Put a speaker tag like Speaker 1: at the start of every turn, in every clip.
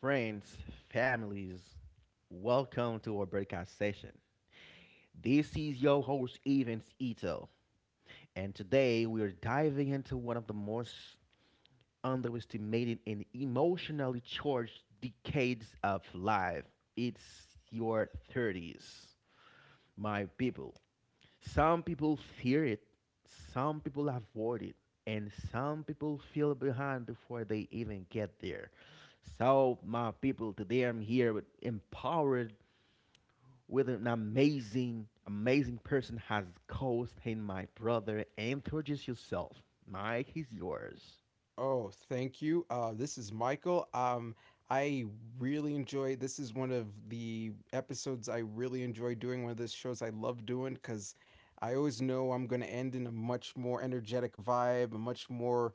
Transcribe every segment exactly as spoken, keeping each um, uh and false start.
Speaker 1: friends, families, welcome to our broadcast session. This is your host, Evans Ito, and today we are diving into one of the most underestimated and emotionally charged decades of life. It's your thirties, my people. Some people fear it, some people avoid it, and some people feel behind before they even get there. So, my people, today I'm here with empowered with an amazing, amazing person has caused in my brother. Introduce yourself. Mike is yours.
Speaker 2: Oh, thank you. Uh, this is Michael. Um, I really enjoy. This is one of the episodes I really enjoy doing. One of those shows I love doing because I always know I'm going to end in a much more energetic vibe, a much more,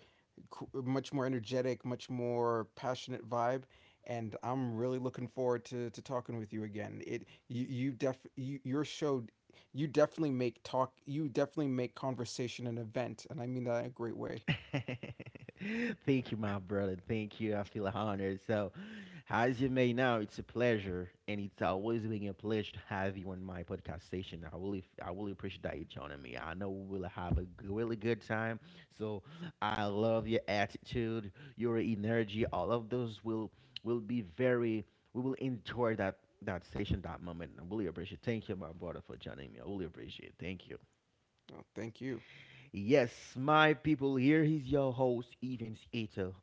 Speaker 2: c- much more energetic, much more passionate vibe. And I'm really looking forward to, to talking with you again. It you you def you, your show, you definitely make talk you definitely make conversation an event, and I mean that in a great way.
Speaker 1: Thank you, my brother. Thank you. I feel honored. So, as you may know, it's a pleasure, and it's always been a pleasure to have you on my podcast station. I really, I really appreciate that you joining me. I know we will have a g- really good time. So, I love your attitude, your energy. All of those will will be very. We will enjoy that that session, that moment. I really appreciate. Thank you, my brother, for joining me. I really appreciate. Thank you.
Speaker 2: Oh, thank you.
Speaker 1: Yes, my people, here is your host, Evans Ito,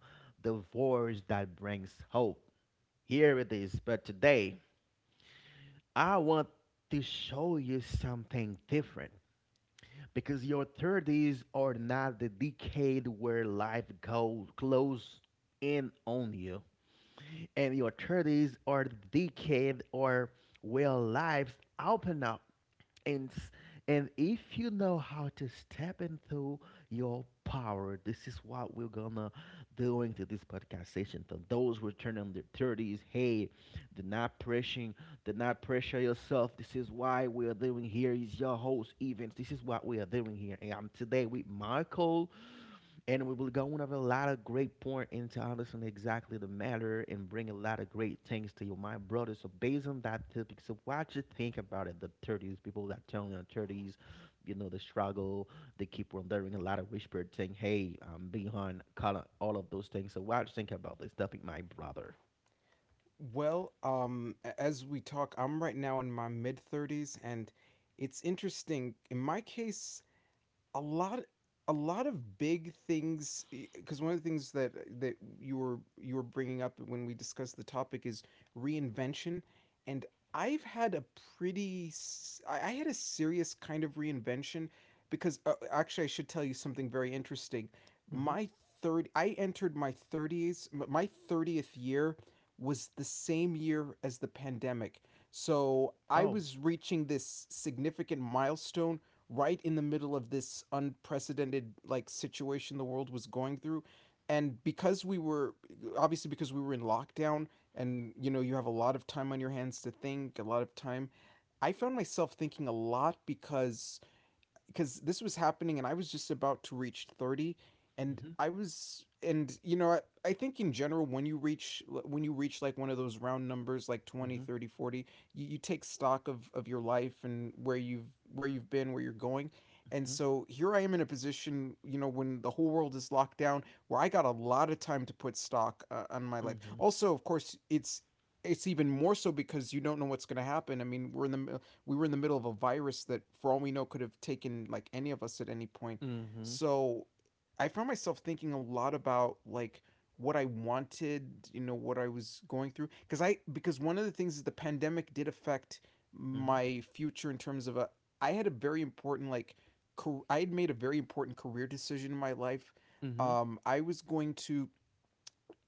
Speaker 1: the voice that brings hope. Here it is, but today I want to show you something different because your thirties are not the decade where life goes close in on you, and your thirties are the decade or where lives open up and s- and if you know how to step into your power, this is what we're gonna doing to this podcast session for those who are turning their thirties, hey, do not pressing do not pressure yourself. This is why we are doing, here is your host, events this is what we are doing here, and I'm today with Michael, and we will go over a lot of great point into understand exactly the matter and bring a lot of great things to you, my brother. So based on that topic, so what you think about it? The thirties, people that turn in their thirties, you know, the struggle, they keep wondering a lot of whispered saying, "Hey, I'm behind," kinda all of those things. So what you think about this topic, my brother?
Speaker 2: Well, um, a- as we talk, I'm right now in my mid thirties, and it's interesting. In my case, a lot a lot of big things because one of the things that eh, that you were you were bringing up when we discussed the topic is reinvention, and I've had a pretty s- I I had a serious kind of reinvention because uh, actually I should tell you something very interesting.
Speaker 1: Mm-hmm.
Speaker 2: My third I entered my thirties m- my thirtieth year, was the same year as the pandemic. So I
Speaker 1: Oh.
Speaker 2: was reaching this significant milestone right in the middle of this unprecedented, like, situation the world was going through, and because we were obviously because we were in lockdown. And you know, you have a lot of time on your hands to think, a lot of time. I found myself thinking a lot because because this was happening, and I was just about to reach thirty. And
Speaker 1: Mm-hmm.
Speaker 2: I was and you know, I, I think in general, when you reach when you reach like one of those round numbers like twenty,
Speaker 1: Mm-hmm.
Speaker 2: thirty, forty, you, you take stock of of your life and where you've where you've been, where you're going. And so here I am in a position, you know, when the whole world is locked down, where I got a lot of time to put stock, uh, on my
Speaker 1: Mm-hmm.
Speaker 2: life.
Speaker 1: Mm-hmm.
Speaker 2: Also, of course, it's it's even more so because you don't know what's going to happen. I mean, we're in the we were in the middle of a virus that, for all we know, could have taken like any of us at any point.
Speaker 1: Mm-hmm.
Speaker 2: So I found myself thinking a lot about like what I wanted, you know, what I was going through. Because I because one of the things is the pandemic did affect
Speaker 1: Mm-hmm.
Speaker 2: my future in terms of a. I had a very important like, car- I had made a very important career decision in my life.
Speaker 1: Mm-hmm.
Speaker 2: Um, I was going to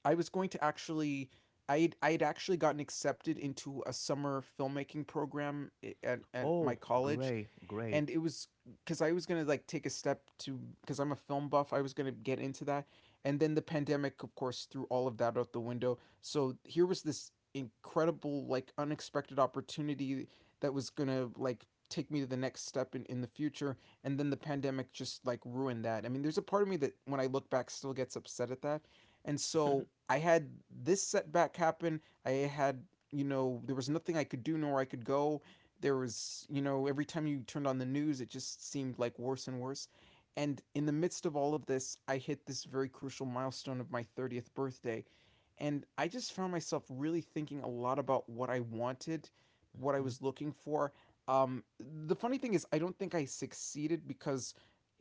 Speaker 2: I was going to actually I had, I had actually gotten accepted into a summer filmmaking program at, at my
Speaker 1: Oh,
Speaker 2: college.
Speaker 1: great, great.
Speaker 2: And it was, because I was gonna like take a step to, because I'm a film buff, I was gonna get into that. And then the pandemic, of course, threw all of that out the window. So here was this incredible, like, unexpected opportunity that was gonna like take me to the next step in, in the future, and then the pandemic just like ruined that. I mean, there's a part of me that, when I look back, still gets upset at that. And so I had this setback happen. I had You know, there was nothing I could do, nor I could go. There was, you know, Every time you turned on the news, it just seemed like worse and worse. And in the midst of all of this, I hit this very crucial milestone of my thirtieth birthday. And I just found myself really thinking a lot about what I wanted, what I
Speaker 1: Mm-hmm.
Speaker 2: was looking for. Um, the funny thing is, I don't think I succeeded, because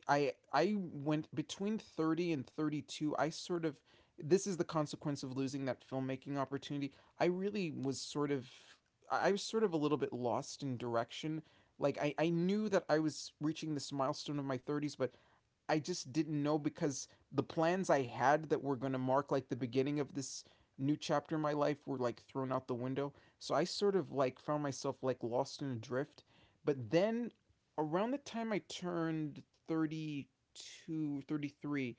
Speaker 2: I I went between thirty and thirty-two. I sort of This is the consequence of losing that filmmaking opportunity. I really was sort of I was sort of a little bit lost in direction. Like, I I knew that I was reaching this milestone of my thirties, but I just didn't know, because the plans I had, that were going to mark like the beginning of this new chapter in my life, were like thrown out the window. So I sort of like found myself like lost in a drift. But then, around the time I turned thirty-two, thirty-three,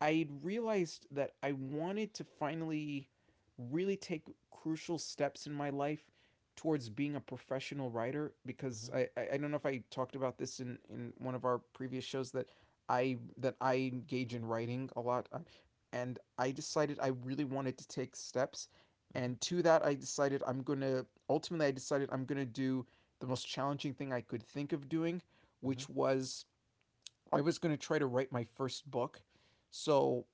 Speaker 2: I realized that I wanted to finally really take crucial steps in my life towards being a professional writer, because
Speaker 1: Mm-hmm.
Speaker 2: I, I, I don't know if I talked about this in, in one of our previous shows, that I that I engage in writing a lot, uh, and I decided I really wanted to take steps. And to that, I decided I'm going to ultimately I decided I'm going to do the most challenging thing I could think of doing,
Speaker 1: Mm-hmm.
Speaker 2: which was, I was going to try to write my first book. So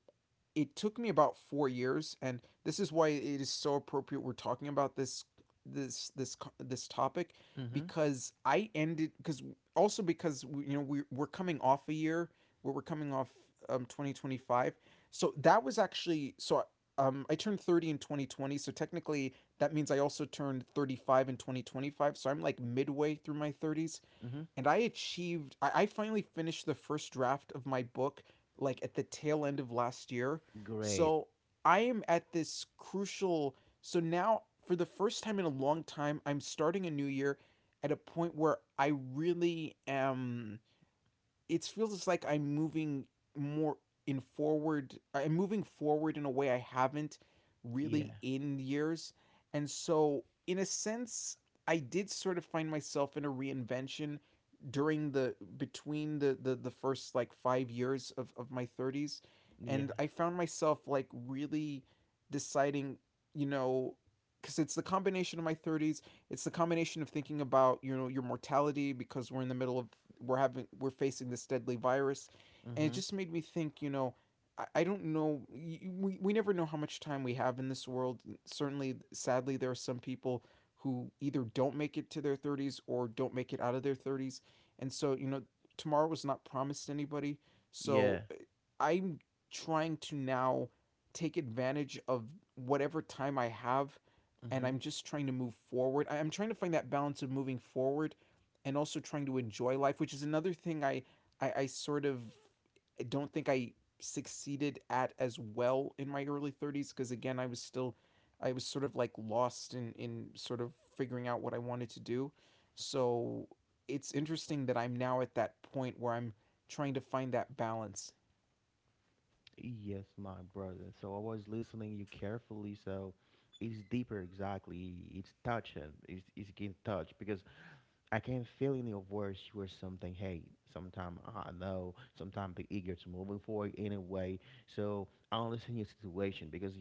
Speaker 2: it took me about four years, and this is why it is so appropriate we're talking about this this this this topic,
Speaker 1: Mm-hmm.
Speaker 2: because I ended, because also, because we, you know we we're coming off a year, where we're coming off um twenty twenty-five. So that was actually, so um I turned thirty in twenty twenty, so technically that means I also turned thirty-five in twenty twenty-five. So I'm like midway through my thirties,
Speaker 1: Mhm.
Speaker 2: and I achieved. I, I finally finished the first draft of my book like at the tail end of last year.
Speaker 1: Great.
Speaker 2: So I am at this crucial. So now, for the first time in a long time, I'm starting a new year at a point where I really am it feels like I'm moving more in forward. I'm moving forward in a way I haven't really
Speaker 1: Yeah.
Speaker 2: in years. And so, in a sense, I did sort of find myself in a reinvention during the between the the, the first like five years of, of my thirties.
Speaker 1: Yeah.
Speaker 2: And I found myself like really deciding, you know, because it's the combination of my thirties, it's the combination of thinking about, you know, your mortality, because we're in the middle of we're having we're facing this deadly virus. And it
Speaker 1: Mhm.
Speaker 2: just made me think, you know, i, I don't know, we, we never know how much time we have in this world. Certainly, sadly, there are some people who either don't make it to their thirties, or don't make it out of their thirties. And so, you know tomorrow was not promised to anybody.
Speaker 1: Yeah.
Speaker 2: So, uh, I'm trying to now take advantage of whatever time I have. And
Speaker 1: Mhm.
Speaker 2: I'm just trying to move forward. I- am trying to find that balance of moving forward, and also trying to enjoy life, which is another thing I, I, I sort of don't think I succeeded at as well in my early thirties, because again, I was still I was sort of like lost in in sort of figuring out what I wanted to do. So it's interesting that I'm now at that point where I'm trying to find that balance.
Speaker 1: Yes, my brother. So I was listening you carefully. So it's deeper, exactly. It's touching. It's it's getting touched because I can feel in your voice you are something. Hey, sometime I know. Sometimes the eager to moving forward anyway. So I understand your situation because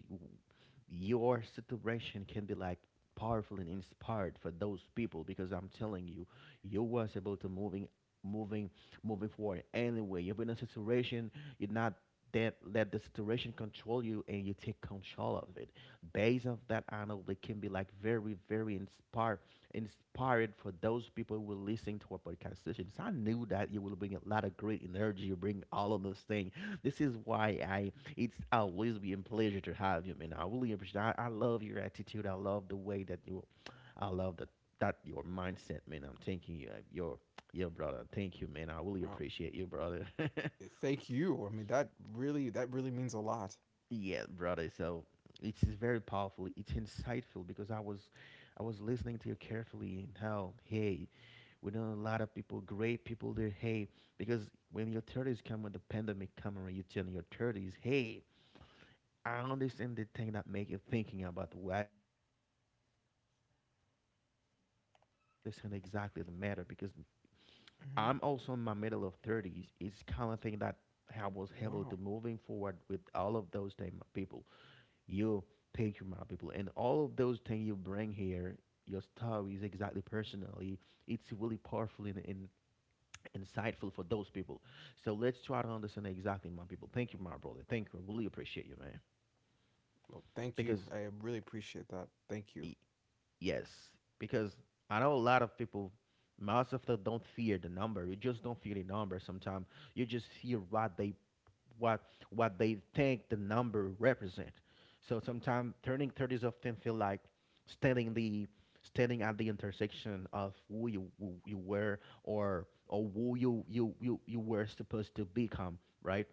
Speaker 1: your situation can be like powerful and inspired for those people, because I'm telling you, you was able to moving moving moving forward anyway. You've been in a situation, you're not that let the situation control you and you take control of it. Based off that, I know it can be like very, very inspired inspired for those people who will listen to our podcast sessions. I knew that you will bring a lot of great energy, you bring all of those things. This is why I it's always been a pleasure to have you, man. I really appreciate. I, I love your attitude. I love the way that you. I love that that your mindset, man. I'm thanking you, uh, your your brother. Thank you, man. I really
Speaker 2: Oh,
Speaker 1: appreciate you, brother.
Speaker 2: thank you. I mean that, really, that really means a lot.
Speaker 1: Yeah, brother. So it's very powerful. It's insightful because I was I was listening to you carefully and how hey. We know a lot of people, great people. There, hey, because when your thirties come, when the pandemic come around, you tell your thirties, hey, I understand the thing that make you thinking about what you can do. This is what we are here. We will bring in thing and try to understand exactly the matter because
Speaker 2: Mm-hmm.
Speaker 1: I'm also in my middle of thirties. It's kind of thing that I was able
Speaker 2: Wow.
Speaker 1: to moving forward with all of those things, my people. You thank you, my people, and all of those things you bring here. Your stories exactly personally. It's really powerful and, and insightful for those people. So let's try to understand exactly, my people. Thank you, my brother. Thank you. I really appreciate you, man.
Speaker 2: Well, thank
Speaker 1: Because
Speaker 2: you. I really appreciate that. Thank you.
Speaker 1: I- yes, because I know a lot of people, most of them don't fear the number. You just don't fear the number. Sometimes you just fear what they what what they think the number represent. So sometimes turning thirties often feel like standing the standing at the intersection of who you who you were or or who you you you you were supposed to become, right?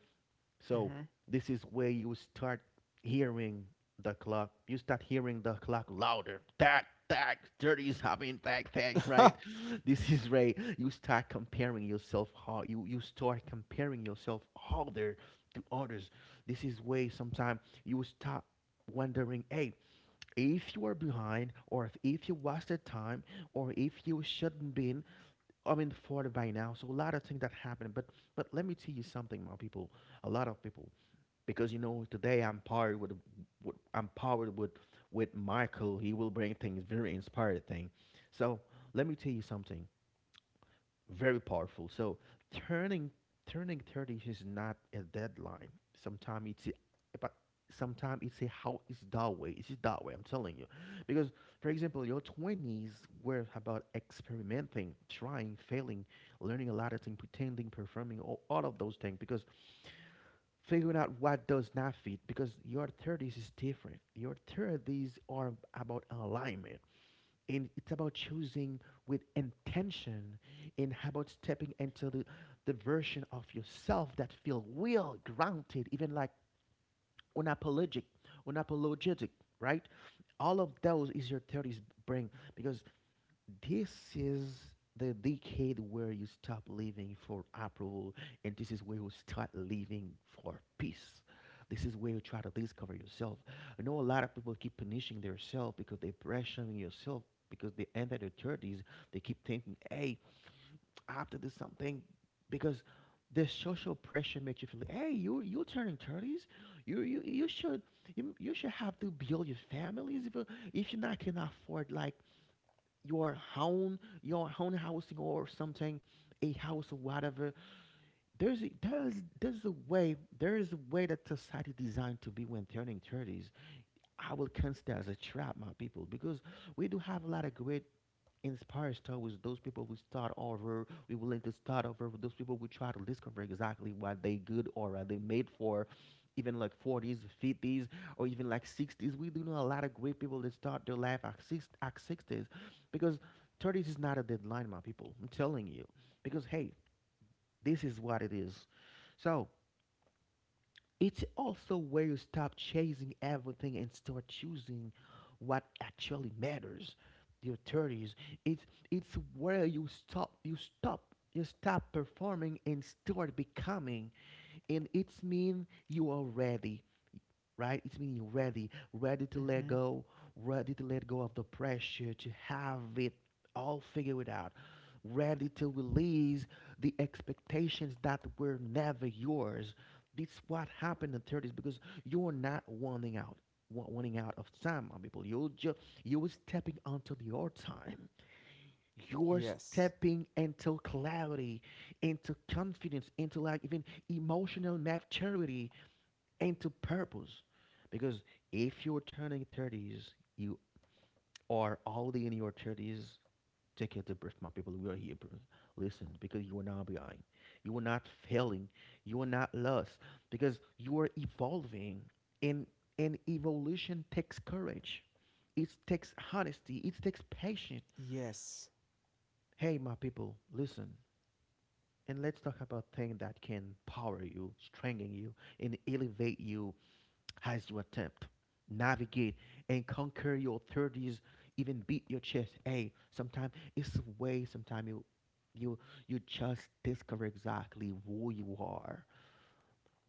Speaker 1: So this is where you start hearing the clock. You start hearing the clock louder. Tack, tack, thirty is happening, tack, tack,
Speaker 2: Mhm. Mhm.
Speaker 1: right? This is right. You start comparing yourself how you, you start comparing yourself harder to others. This is where sometimes you start wondering, hey, if you are behind or if, if you wasted time or if you shouldn't been I mean forward by now. So a lot of things that happen. But but let me tell you something, my people. A lot of people, because you know today I'm powered with, with I'm powered with with Michael. He will bring things very inspired thing. So let me tell you something very powerful. So turning turning thirty is not a deadline. Sometimes it's a- but sometimes it's a how, it's that way. It's that way. I'm telling you, because for example, your twenties were about experimenting, trying, failing, learning a lot of things, pretending, performing, all, all of those things. Because figuring out what does not fit, because your thirties is different. Your thirties are about alignment and it's about choosing with intention and how about stepping into the, the version of yourself that feel real, grounded, even like unapologetic, unapologetic, right? All of those is your thirties bring because this is the decade where you stop living for approval, and this is where you start living for peace. This is where you try to discover yourself. I know a lot of people keep punishing themselves because they're pressuring yourself because they enter their thirties. They keep thinking, hey, I have to do something because the social pressure makes you feel, like, hey, you, you're turning thirties. You, you, you should you, you should have to build your families if, you- if you not can afford like your own your own housing or something, a house or whatever. there's a, there's there's a way, there is a way that society designed to be when turning thirties. I will consider as a trap, my people, because we do have a lot of great inspires towards those people who start over, we willing to start over, with those people who try to discover exactly what they good or what they made for, even like forties, fifties, or even like sixties. We do know a lot of great people that start their life at, six, at sixties, because thirties is not a deadline, my people. I'm telling you. Because, hey, this is what it is. So, it's also where you stop chasing everything and start choosing what actually matters. Your thirties. It's it's where you stop you stop you stop performing and start becoming, and it's mean you are ready, right? It's meaning you're ready, ready to let go, ready to let go of the pressure to have it all figured out, ready to release the expectations that were never yours. This is what happened in thirties because you're not wanting out, wa- wanting out of time, my people. You're just you're stepping onto your time. You're
Speaker 2: Yes.
Speaker 1: stepping into clarity, into confidence, into like even emotional maturity, into purpose. Because if you're turning thirties, you are already in your thirties. Take a deep breath, my people. We are here, bro. Listen, because you are not behind. You are not failing. You are not lost. Because you are evolving. And, and evolution takes courage. It takes honesty. It takes patience.
Speaker 2: Yes.
Speaker 1: Hey, my people, listen. And let's talk about things that can power you, strengthen you, and elevate you as you attempt, navigate, and conquer your thirties, even beat your chest. Hey, sometimes it's a way, sometimes you you you just discover exactly who you are.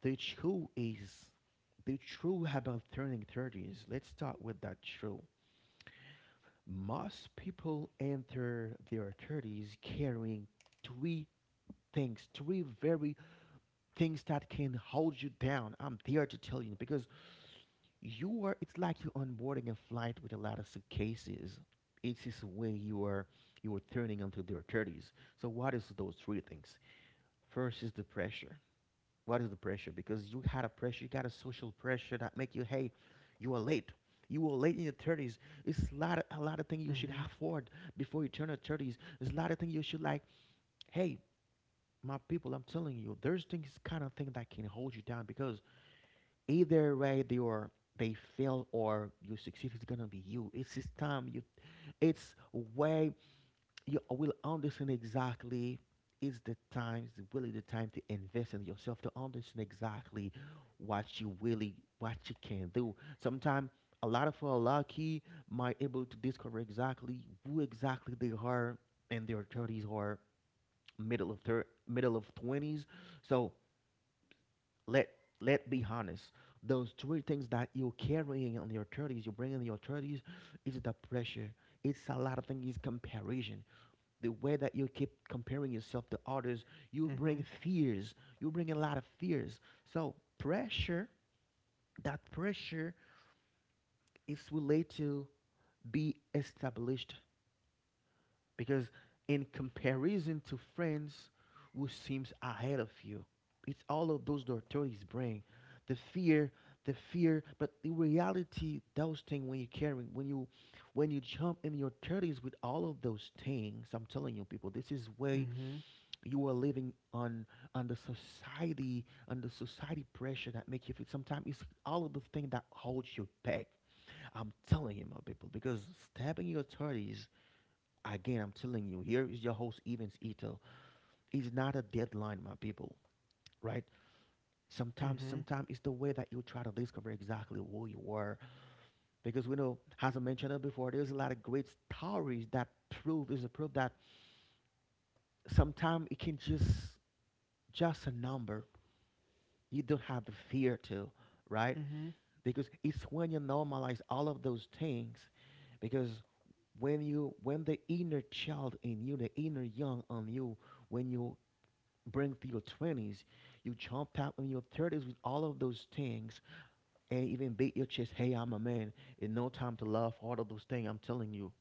Speaker 1: The true is the true about turning thirties. Let's start with that true. Most people enter their thirties carrying three things, three very things that can hold you down. I'm there to tell you because you are, it's like you're onboarding a flight with a lot of suitcases. It's this way you are, you are turning into their thirties. So what is those three things? First is the pressure. What is the pressure? Because you had a pressure, you got a social pressure that make you, hey, you are late, you were late in your thirties. It's a lot of, a lot of things you should
Speaker 2: Mhm.
Speaker 1: afford before you turn your thirties. There's a lot of things you should like, hey, my people, I'm telling you, there's things, kind of thing that can hold you down. Because either way, they are, they fail or you succeed, it's gonna be you. It's this time you, it's way you will understand exactly. It's the time, it's really the time to invest in yourself, to understand exactly what you really, what you can do. Sometimes a lot of people are lucky, might able to discover exactly who exactly they are in their thirties or middle of thir- middle of twenties. So let, let be honest, those three things that you're carrying on your thirties, you bring in your thirties, is the pressure, it's a lot of things, is comparison, the way that you keep comparing yourself to others. You bring
Speaker 2: Mhm.
Speaker 1: fears, you bring a lot of fears. So pressure, that pressure is related to be established, because in comparison to friends who seems ahead of you, it's all of those, the authorities bring the fear, the fear. But the reality, those things, when you're carrying, when you when you jump in your thirties with all of those things, I'm telling you people, this is way
Speaker 2: Mhm.
Speaker 1: you are living on on the society, on the society pressure, that make you feel sometimes it's all of the thing that holds you back. I'm telling you, my people, because stepping your thirties. Again, I'm telling you, here is your host, Evans Ito. It's not a deadline, my people, right? Sometimes,
Speaker 2: Mhm.
Speaker 1: sometimes it's the way that you try to discover exactly who you are. Because we know, as I mentioned it before, there's a lot of great stories that prove, there's a proof that sometimes it can just, just a number. You don't have the fear to, right?
Speaker 2: Mhm.
Speaker 1: Because it's when you normalize all of those things. Because when you, when the inner child in you, the inner young on you, when you bring through your twenties, you jump out in your thirties with all of those things and even beat your chest, hey, I'm a man. It's no time to love all of those things. I'm telling you.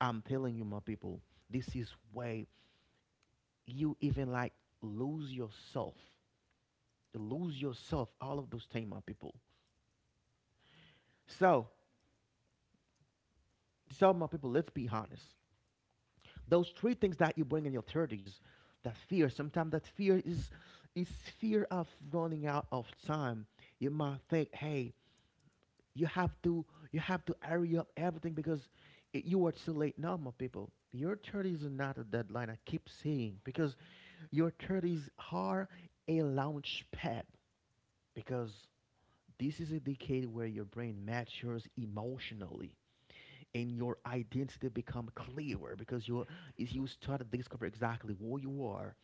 Speaker 1: I'm telling you, my people. This is way you even like lose yourself. You Lose yourself, all of those things, my people. So, so my people, let's be honest. Those three things that you bring in your thirties, that fear, sometimes that fear is is fear of running out of time. You might think, hey, You have to you have to hurry up everything because I you are too late now, my people. Your thirties is not a deadline. I keep saying because your thirties are a launch pad, because this is a decade where your brain matures emotionally and your identity become clearer, because you is, you start to discover exactly who you are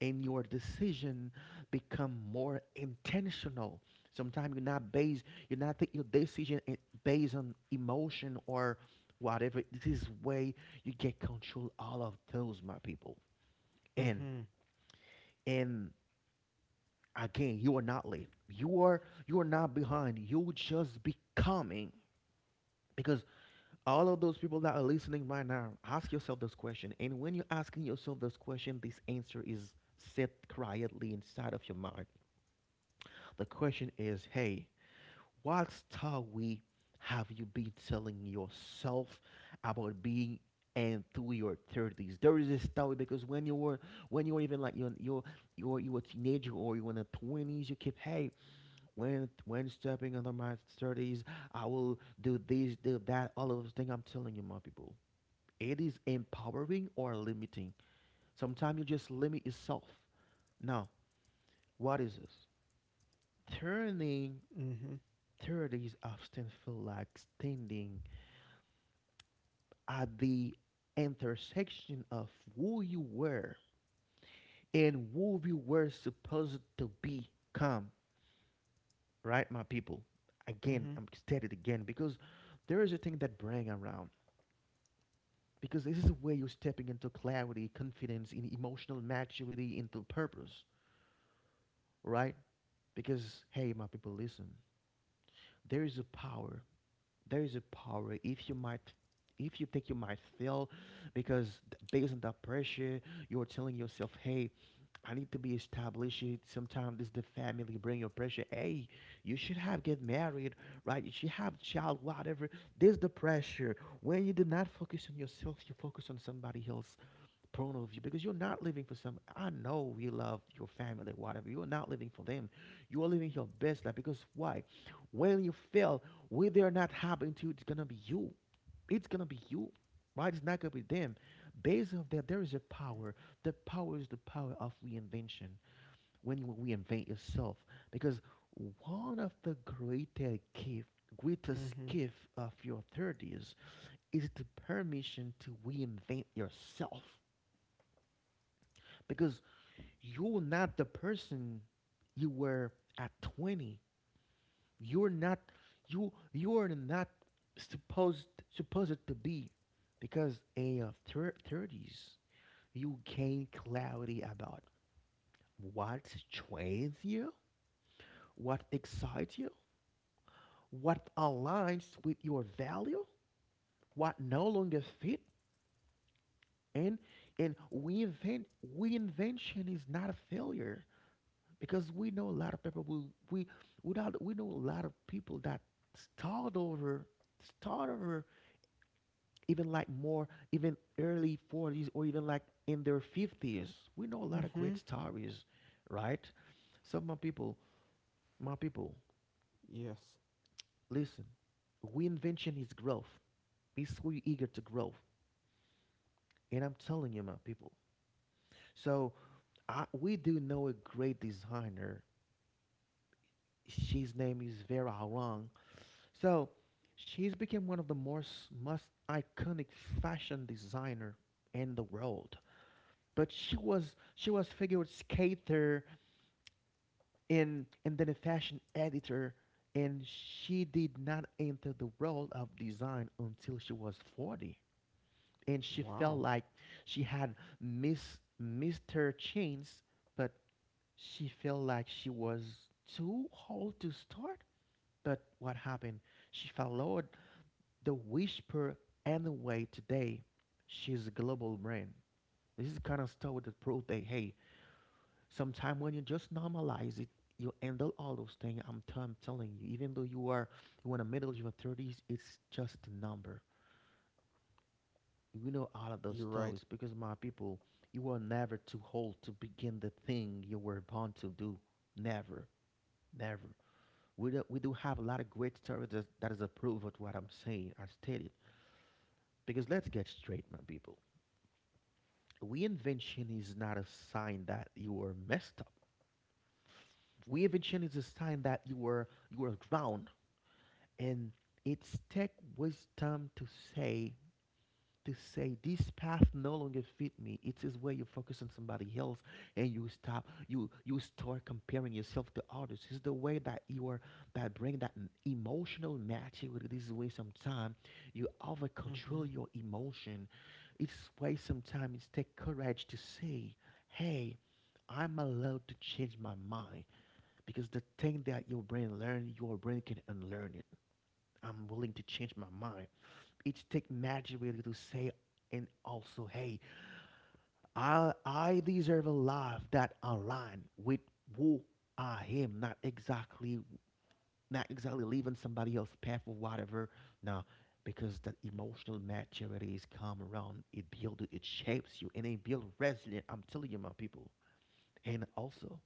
Speaker 1: and your decision become more intentional. Sometimes you're not based, you're not taking your decision i- based on emotion or whatever. This is way you get control all of those, my people. And
Speaker 2: Mhm.
Speaker 1: and again, you are not late. You are you are not behind. You just becoming. Because all of those people that are listening right now, ask yourself this question. And when you're asking yourself this question, this answer is set quietly inside of your mind. The question is, hey, what story have you been telling yourself about being and through your thirties? There is a story, because when you were, when you were even like you're you're you're you were a teenager or you were in the twenties, you kept, hey, when when stepping under my thirties, I will do this, do that, all of those things, I'm telling you, my people. It is empowering or limiting. Sometimes you just limit yourself. Now, what is this? Turning
Speaker 2: Mhm.
Speaker 1: thirties often feel like standing at the intersection of who you were and who you were supposed to become, right, my people? Again,
Speaker 2: Mhm.
Speaker 1: I'm stating it again, because there is a thing that bring around. Because this is where you're stepping into clarity, confidence, in emotional maturity, into purpose, right? Because hey, my people, listen. There is a power there is a power if you might, if you think you might fail, because th- based on that pressure, you're telling yourself, hey, I need to be established. Sometimes this the family bring your pressure, hey, you should have get married, right, you should have child, whatever. This the pressure. When you do not focus on yourself, you focus on somebody else. Porno view, because you're not living for some. I know you love your family, whatever. You are not living for them. You are living your best life, because why? When you fail, when they're not happening to you, it's gonna be you. It's gonna be you, right? It's not gonna be them. Based on that, there is a power. The power is the power of reinvention. When you reinvent yourself, because one of the greatest gift, greatest
Speaker 2: Mhm.
Speaker 1: gift of your thirties is the permission to reinvent yourself, because you're not the person you were at twenty. You're not, you you're not supposed supposed to be, because in your thir- thirties, you gain clarity about what trains you, what excites you, what aligns with your value, what no longer fit. and and reinvent, reinvention is not a failure, because we know a lot of people, we we we, not, we know a lot of people that start over start over even like more, even early forties, or even like in their fifties. We know a lot of great
Speaker 2: Mhm.
Speaker 1: stories, right? So my people, my people,
Speaker 2: Yes.
Speaker 1: listen, reinvention is growth. Be so eager to grow. And I'm telling you, my people, so I, we do know a great designer. She's name is Vera Harang. So she's become one of the most, most iconic fashion designer in the world. But she was she was figure skater and and then a fashion editor, and she did not enter the world of design until she was forty, and she felt
Speaker 2: Wow.
Speaker 1: like she had miss missed her chance. But she felt like she was too old to start. But what happened, she followed the whisper. Anyway, today, she's a global brand. This is kind of stuff that prove that, hey, sometime when you just normalize it, you handle all those things. I'm, t- I'm telling you, even though you are, you in the middle of your thirties, it's just a number. You know all of those
Speaker 2: You're right.
Speaker 1: stories, because my people, you were never too old to begin the thing you were born to do. Never, never. We do, we do have a lot of great stories that, that is a proof of what I'm saying, I stated. Because let's get straight, my people. Reinvention is not a sign that you are messed up. Reinvention is a sign that you are you are drowned, and it's take wisdom to say, to say this path no longer fit me. It is where you focus on somebody else, and you stop you you start comparing yourself to others. It's the way that you are, that bring that m- emotional maturity. This is way sometimes you over control
Speaker 2: Mhm.
Speaker 1: your emotion. It's way sometimes it take courage to say, "Hey, I'm allowed to change my mind, because the thing that your brain learn, your brain can unlearn it. I'm willing to change my mind." It's take magic really to say, and also, hey, I I deserve a life that align with who I am, not exactly, not exactly leaving somebody else's path or whatever. Now, because that emotional maturity is come around, it builds, it shapes you, and it builds resilience. I'm telling you, my people. And also,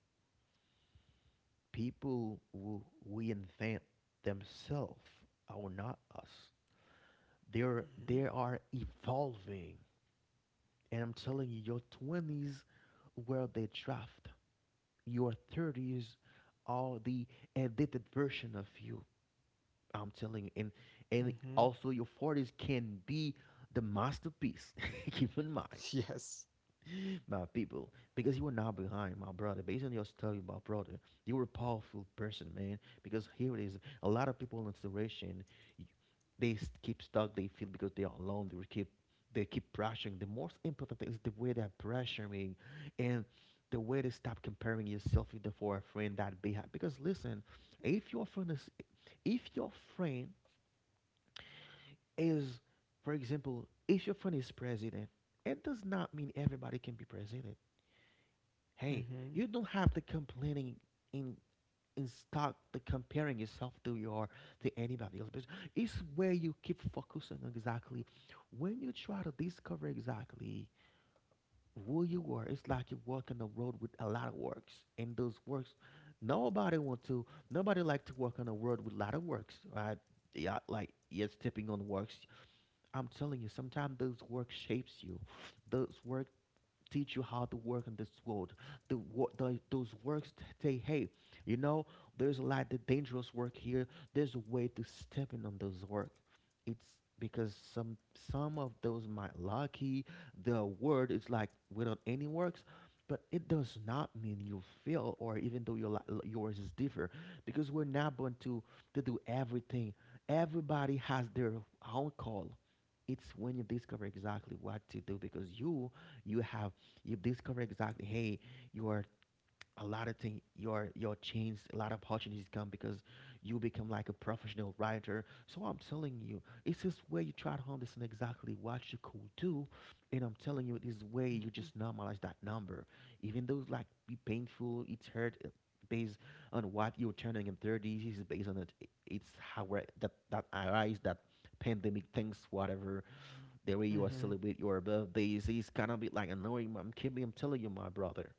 Speaker 1: people will reinvent themselves are not us. They're
Speaker 2: Mhm.
Speaker 1: they are evolving, and I'm telling you, your twenties were the draft. Your thirties are the edited version of you. I'm telling you, and and
Speaker 2: Mhm.
Speaker 1: also your forties can be the masterpiece. Keep in mind,
Speaker 2: Yes.
Speaker 1: my people, because you were not behind, my brother. Based on your story, my brother, you were a powerful person, man. Because here it is, a lot of people in situation, y- they s- keep stuck. They feel because they are alone. They will keep, they keep pressuring. The most important thing is the way they're pressuring, and the way they stop comparing yourself with the for a friend that they have. Because listen, if your friend is, if your friend is, for example, if your friend is president, it does not mean everybody can be president. Hey,
Speaker 2: Mhm.
Speaker 1: you don't have the complaining in in stock, the comparing yourself to your, to anybody else. Because it's where you keep focusing on exactly, when you try to discover exactly who you are. It's like you walk on the road with a lot of works, and those works, nobody want to. Nobody like to walk on the road with a lot of works, right? Yeah, like yes, tipping on works. I'm telling you, sometimes those work shapes you. Those work teach you how to work in this world. The, wo- the those works say, hey, you know, there's a lot of dangerous work here. There's a way to step in on those work. It's because some some of those might lucky the word is like without any works, but it does not mean you fail or even though your li- yours is different because we're not born to to do everything. Everybody has their own call. It's when you discover exactly what to do because you you have you discover exactly, hey, you are a lot of things, your your change, a lot of opportunities come because you become like a professional writer. So I'm telling you, it's this way you try to understand exactly what you could do. And I'm telling you, this way you
Speaker 2: Mhm.
Speaker 1: just normalize that number, even though it's like be painful, it's hurt, uh, based on what you're turning in thirties, is based on it. I- it's how we're- that that arise that pandemic things, whatever. The way you are
Speaker 2: Mhm.
Speaker 1: celebrate your birthdays is kind of bit like annoying. I'm keeping, I'm telling you, my brother.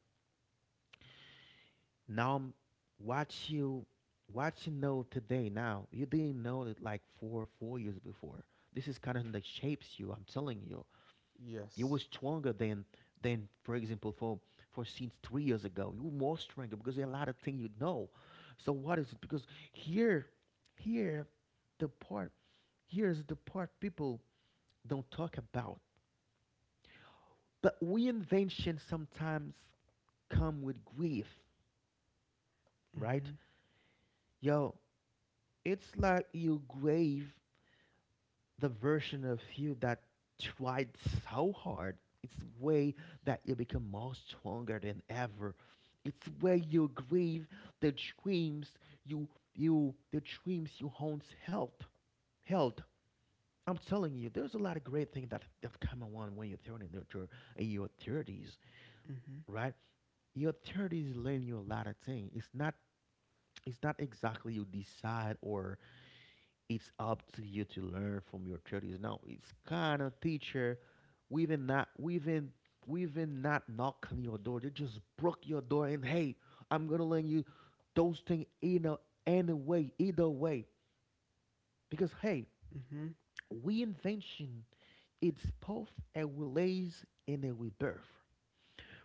Speaker 1: Now I'm watch you, watch you know today. Now you didn't know it like four, four years before. This is kind of that shapes you. I'm telling you, you were
Speaker 2: Yes.
Speaker 1: stronger than than for example for for since three years ago. You were more stronger because there are a lot of things you know. So what is it? Because here, here, the part here's the part people don't talk about. The reinvention sometimes come with grief, right?
Speaker 2: Mhm.
Speaker 1: Yo, it's like you grave the version of you that tried so hard. It's way that you become more stronger than ever. It's where you grieve the dreams you you the dreams you once held held. I'm telling you, there's a lot of great things that that come along when you're turning into in your thirties,
Speaker 2: Mhm.
Speaker 1: right? Your thirties learn you a lot of things. It's not it's not exactly you decide, or it's up to you to learn from your theories. Now it's kind of teacher, we even not we even we even not knock on your door. They just broke your door and, hey, I'm gonna learn you those things in a any way, either way. Because, hey,
Speaker 2: Mhm.
Speaker 1: we invention, it's both a release and a rebirth.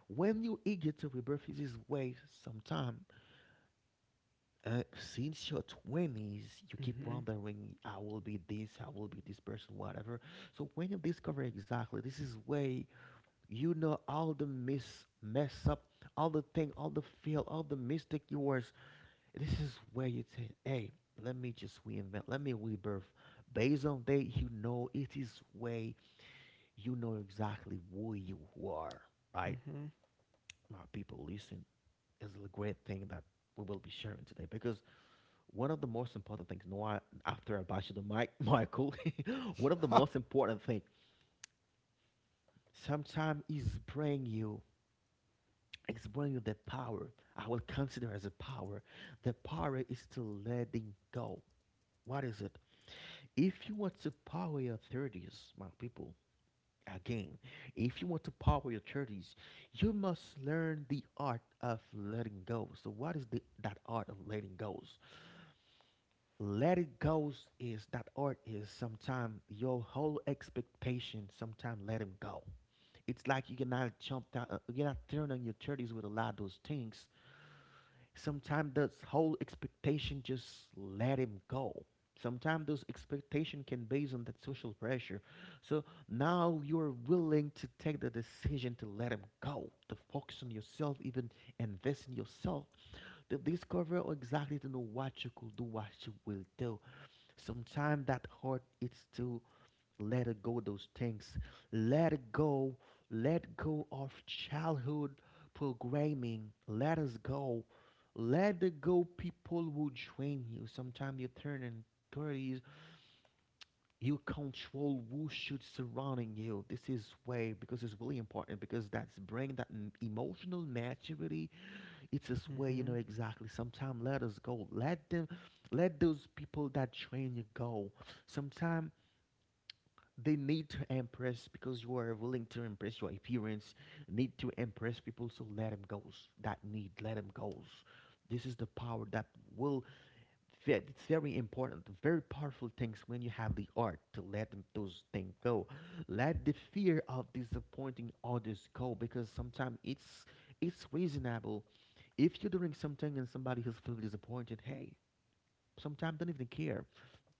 Speaker 1: When you eager to rebirth, it is way sometime, uh, since your twenties you keep
Speaker 2: Mhm.
Speaker 1: wondering, i will be this I will be this person, whatever. So when you discover exactly, this is way, you know, all the miss mess up, all the thing, all the feel, all the mistake yours, this is where you say, hey, let me just reinvent, let me rebirth based on that. You know, it is way you know exactly who you are, right?
Speaker 2: Mhm.
Speaker 1: My people, listen, is a great thing that we will be sharing today because one of the most important things, no, after I bash the mic, Michael, one of the
Speaker 2: Ha!
Speaker 1: most important thing, sometimes is bring you, it's bringing you the power. I will consider as a power. The power is to letting go. What is it? If you want to power your thirties, my people, again, if you want to power your thirties, you must learn the art of letting go. So what is the that art of letting go? Let it go is that art is. Sometimes your whole expectation, sometimes let him go. It's like you cannot jump down, uh, you're not turning on your thirties with a lot of those things. Sometimes this whole expectation, just let him go. Sometimes those expectation can base on that social pressure. So now you're willing to take the decision to let him go, to focus on yourself, even invest in yourself, to discover exactly, to know what you could do, what you will do. Sometimes that hurt, it's to let it go those things. Let it go. Let go of childhood programming. Let us go. Let it go people who drain you. Sometimes you turn in thirties, you control who should surrounding you. This is way because it's really important because that's bring that m- emotional maturity. It's this way, you know
Speaker 2: Mhm.
Speaker 1: exactly. Sometimes let us go. Let them let those people that train you go. Sometimes they need to impress because you are willing to impress your appearance, need to impress people, so let them go. That need, let them go. This is the power that will fit. It's very important, very powerful things when you have the art to let them, those things go. Let the fear of disappointing others go, because sometimes it's it's reasonable. If you're doing something and somebody who's feeling disappointed, hey, sometimes don't even care,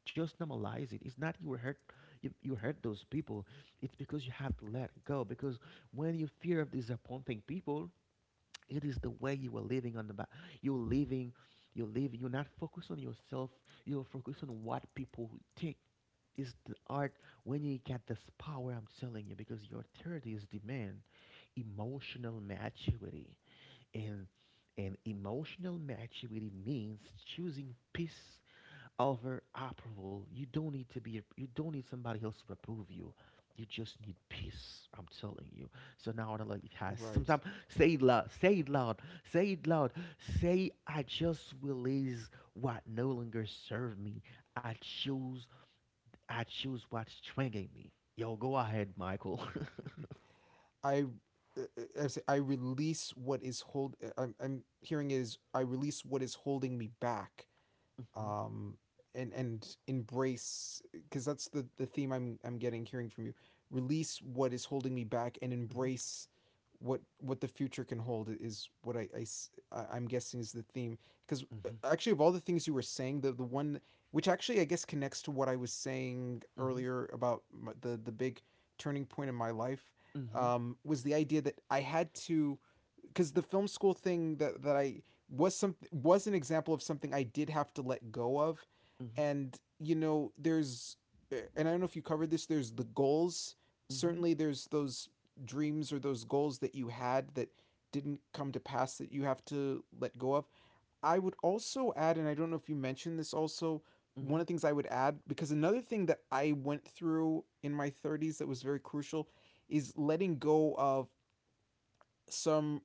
Speaker 1: just normalize it. It's not you were hurt, you, you hurt those people. It's because you have to let go. Because when you fear of disappointing people, it is the way you are living on the back. You're living, you're living. You're not focused on yourself. You're focused on what people think. Is the art when you get this power? I'm telling you, because your authorities demand emotional maturity. And and emotional maturity means choosing peace Overoperable. You don't need to be. You don't need somebody else to approve you. You just need peace. I'm telling you. So now I like it has.
Speaker 2: Right.
Speaker 1: Sometimes, say it loud. Say it loud. Say it loud. Say, I just release what no longer serve me. I choose. I choose what's strangling me. Yo, go ahead, Michael.
Speaker 2: I uh, uh, I say I release what is hold. uh, I'm I'm hearing is, I release what is holding me back, um, and and embrace, because that's the the theme I'm I'm getting, hearing from you. Release what is holding me back, and
Speaker 1: Mhm,
Speaker 2: embrace what what the future can hold, is what I i s- I- I'm guessing is the theme, because
Speaker 1: mhm,
Speaker 2: actually, of all the things you were saying, the the one, which actually I guess connects to what I was saying
Speaker 1: mhm,
Speaker 2: earlier about the the big turning point in my life,
Speaker 1: mhm,
Speaker 2: um, was the idea that I had to, because the film school thing, that that I was, some was an example of something I did have to let go of. And you know, there's eh, and I don't know if you covered this. There's the goals.
Speaker 1: mhm, mhm,
Speaker 2: Certainly, there's those dreams, or those goals, that you had that didn't come to pass, that you have to let go of. I would also add, and I don't know if you mentioned this also, one
Speaker 1: mhm,
Speaker 2: of the things I would add, because another thing that I went through in my thirties that was very crucial is letting go of some,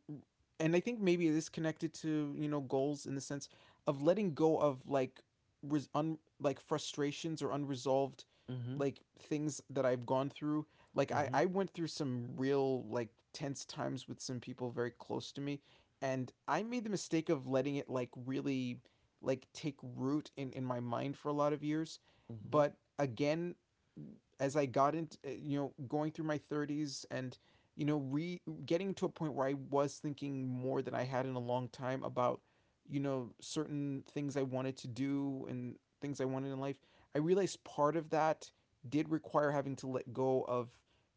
Speaker 2: and I think maybe it is connected to, you know, goals, in the sense of letting go of, like, res- un- like frustrations, or unresolved,
Speaker 1: mhm, mhm, mhm,
Speaker 2: like, things that I've gone through. Like,
Speaker 1: mhm,
Speaker 2: I
Speaker 1: mhm,
Speaker 2: I went through some real, like, tense times with some people very close to me, and I made the mistake of letting it like really like take root in in my mind for a lot of years. But again, as I got into eh, you know going through my thirties and you know, re getting to a point where I was thinking more than I had in a long time about, you know, certain things I wanted to do and things I wanted in life. I realized part of that did require having to let go of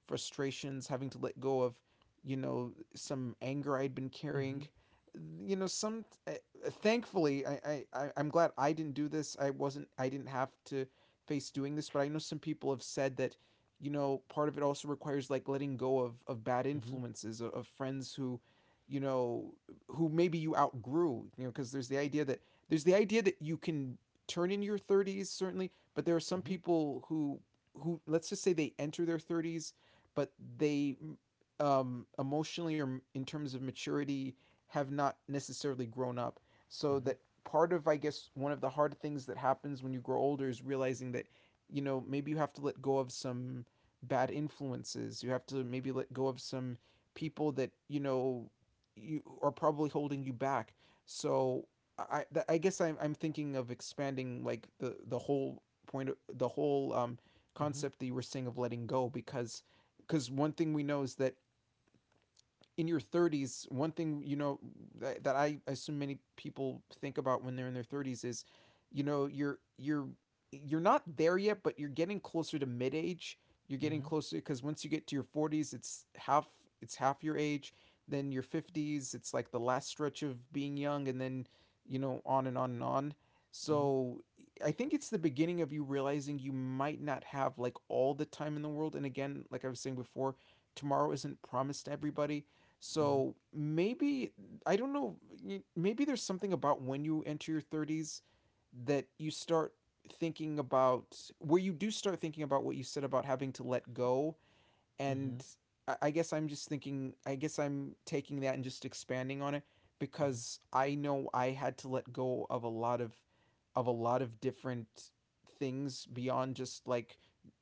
Speaker 2: frustrations, having to let go of, you know, some anger I'd been carrying. You know, some uh, Thankfully, I, I, I- I'm glad I didn't do this. I wasn't, I didn't have to face doing this, but I know some people have said that you know, part of it also requires like letting go of, of bad influences, of, of friends who, you know, who maybe you outgrew, you know, because there's the idea that there's the idea that you can turn in your thirties certainly, but there are some
Speaker 1: mhm,
Speaker 2: people who who let's just say they enter their thirties, but they, um, emotionally or in terms of maturity, have not necessarily grown up.
Speaker 1: mhm,
Speaker 2: So
Speaker 1: mhm,
Speaker 2: that part of, I guess, one of the hard things that happens when you grow older is realizing that, you know, maybe you have to let go of some bad influences. You have to maybe let go of some people that, you know, you are probably holding you back. So I I guess I'm I'm thinking of expanding like the the whole point of the whole um
Speaker 1: mhm,
Speaker 2: concept that you were saying of letting go, because because one thing we know is that, in your thirties, one thing, you know, that, that I assume many people think about when they're in their thirties is, you know, you're you're you're not there yet, but you're getting closer to mid-age. You're getting
Speaker 1: mhm,
Speaker 2: closer because once you get to your forties, it's half it's half your age. Then your fifties, it's like the last stretch of being young, and then, you know, on and on and on.
Speaker 1: Mhm.
Speaker 2: So I think it's the beginning of you realizing you might not have like all the time in the world. And again, like I was saying before, tomorrow isn't promised to everybody,
Speaker 1: Mhm.
Speaker 2: so maybe I don't know. y- Maybe there's something about when you enter your thirties that you start thinking about, where you do start thinking about what you said about having to let go.
Speaker 1: Mhm.
Speaker 2: And I, I guess I'm just thinking. I guess I'm taking that and just expanding on it
Speaker 1: Mhm.
Speaker 2: because I know I had to let go of a lot of of a lot of different things beyond just like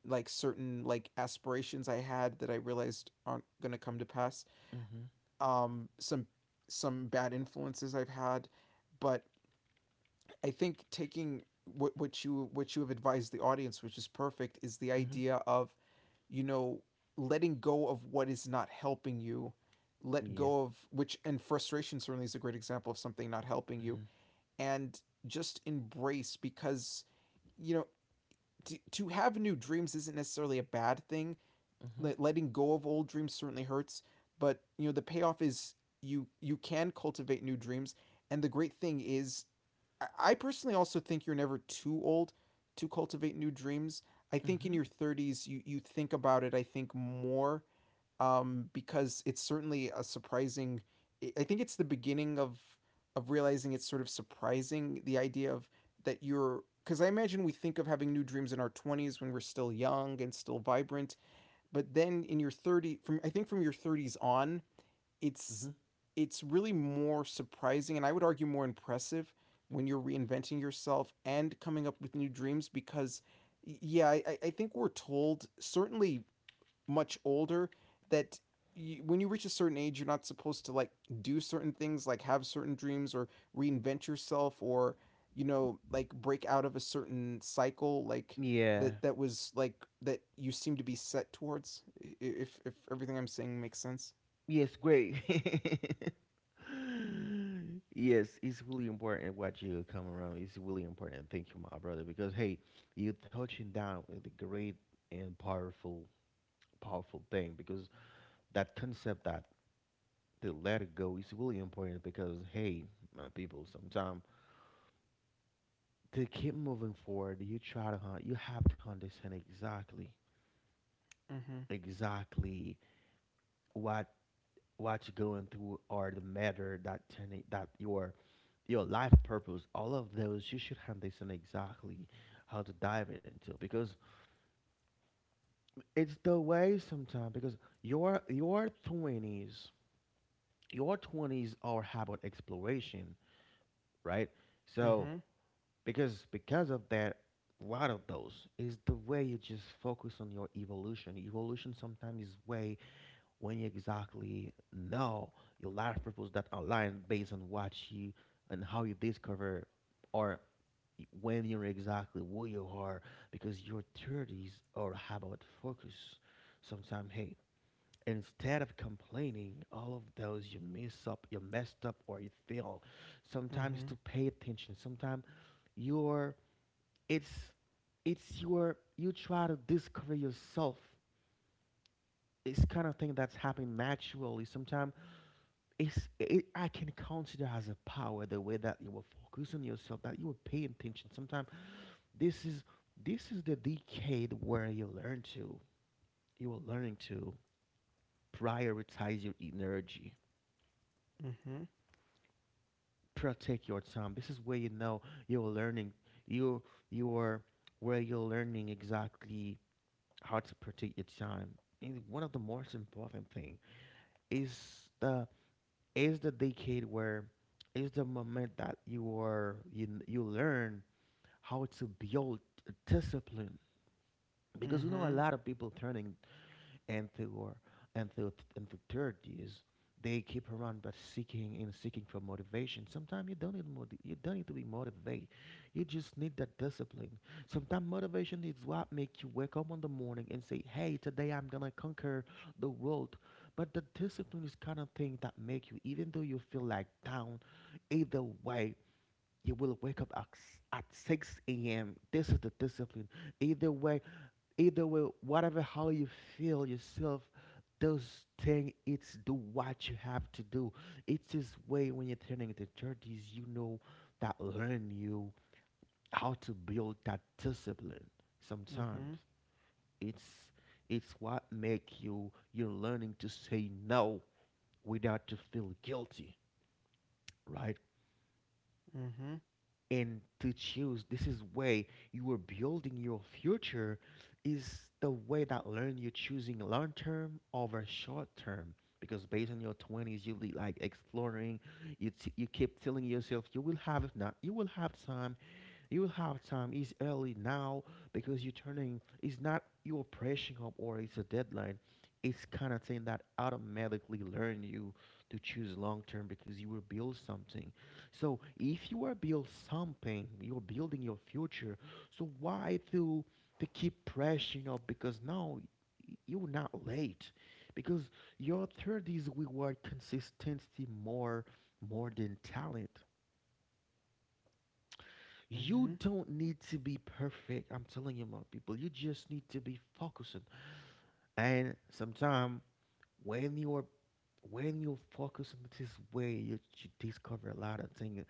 Speaker 2: like certain like aspirations I had that I realized aren't gonna come to pass,
Speaker 1: Mhm.
Speaker 2: um, some some bad influences I've had, but I think taking what what you what you have advised the audience, which is perfect, is the
Speaker 1: Mhm.
Speaker 2: idea of, you know, letting go of what is not helping you, let
Speaker 1: Yeah.
Speaker 2: go of which, and frustration certainly is a great example of something not helping you,
Speaker 1: Mhm.
Speaker 2: and just embrace, because, you know, to, to have new dreams isn't necessarily a bad thing.
Speaker 1: Mhm.
Speaker 2: Letting go of old dreams certainly hurts, but, you know, the payoff is you you can cultivate new dreams. And the great thing is, I- personally, also, think you're never too old to cultivate new dreams. I think in
Speaker 1: Mhm.
Speaker 2: your thirties you you think about it, I think, more, um because it's certainly a surprising, I think it's the beginning of of realizing it's sort of surprising the idea of that you're, because I imagine we think of having new dreams in our twenties when we're still young and still vibrant, but then in your thirty, from I think from your thirties on, it's
Speaker 1: Mhm.
Speaker 2: it's really more surprising, and I would argue more impressive, when you're reinventing yourself and coming up with new dreams, because, yeah, I, I think we're told, certainly much older, that you, when you reach a certain age, you're not supposed to like do certain things, like have certain dreams, or reinvent yourself, or, you know, like break out of a certain cycle like
Speaker 1: Yeah.
Speaker 2: that that was like, that you seem to be set towards, if if everything I'm saying makes sense.
Speaker 1: Yes, great. Yes, it's really important what you come around. It's really important. Thank you, my brother, because, hey, you're touching down with a great and powerful, powerful thing. Because that concept that to let it go is really important. Because, hey, my people, sometimes to keep moving forward, you try to hunt. You have to understand exactly
Speaker 2: Mhm,
Speaker 1: exactly what what you're going through, or the matter that turning, that your your life purpose, all of those, you should understand exactly how to dive into. Because it's the way sometimes, because your your twenties, your twenties are about exploration, right? So
Speaker 2: mhm,
Speaker 1: because because of that, one of those is the way you just focus on your evolution. Evolution sometimes is way when you exactly know your life purpose that align based on what you and how you discover, or when you're exactly who you are, because your thirties are about focus. Sometimes, hey, instead of complaining all of those you mess up, you messed up or you fail, sometimes
Speaker 2: mhm,
Speaker 1: to pay attention. Sometimes you're, it's it's your, you try to discover yourself. It's kind of thing that's happening naturally. Sometimes it's it, I can consider as a power the way that you will focus on yourself, that you will pay attention. Sometimes this is this is the decade where you learn to, you are learning to prioritize your energy, protect your time. This is where you know you're learning, you you are where you're learning exactly how to protect your time. And one of the most important thing is the is the decade where is the moment that you are you you learn how to build discipline. Because you know, a
Speaker 2: mhm,
Speaker 1: lot of people turning into or into into thirties, they keep around but seeking and seeking for motivation. Sometimes you don't need motiv- you don't need to be motivated. You just need that discipline. Sometimes motivation is what make you wake up in the morning and say, "Hey, today I'm gonna conquer the world." But the discipline is kind of thing that make you, even though you feel like down, either way, you will wake up at, s- at six a m. This is the discipline. Either way, either way, whatever how you feel yourself, those thing it's do what you have to do. It's this way when you're turning into thirties, you know that learn you how to build that discipline. Sometimes
Speaker 2: mhm,
Speaker 1: it's it's what make you, you're learning to say no without to feel guilty, right?
Speaker 2: mhm, mhm,
Speaker 1: And to choose, this is way you are building your future. Is the way that learn you choosing long term over short term. Because based on your twenties you be like exploring. You, t- you keep telling yourself you will have, if not you will have time, you will have time. It's early now because you're turning. It's not you're pressing up or it's a deadline. It's kind of thing that automatically learn you to choose long term because you will build something. So if you are build something, you're building your future. So why to to keep pressing up? Because now y- you're not late. Because your thirties reward consistency more more than talent. You
Speaker 2: mhm,
Speaker 1: don't need to be perfect. I'm telling you, my people. You just need to be focusing. And sometimes when you're when you focus on this way, you, you discover a lot of thing.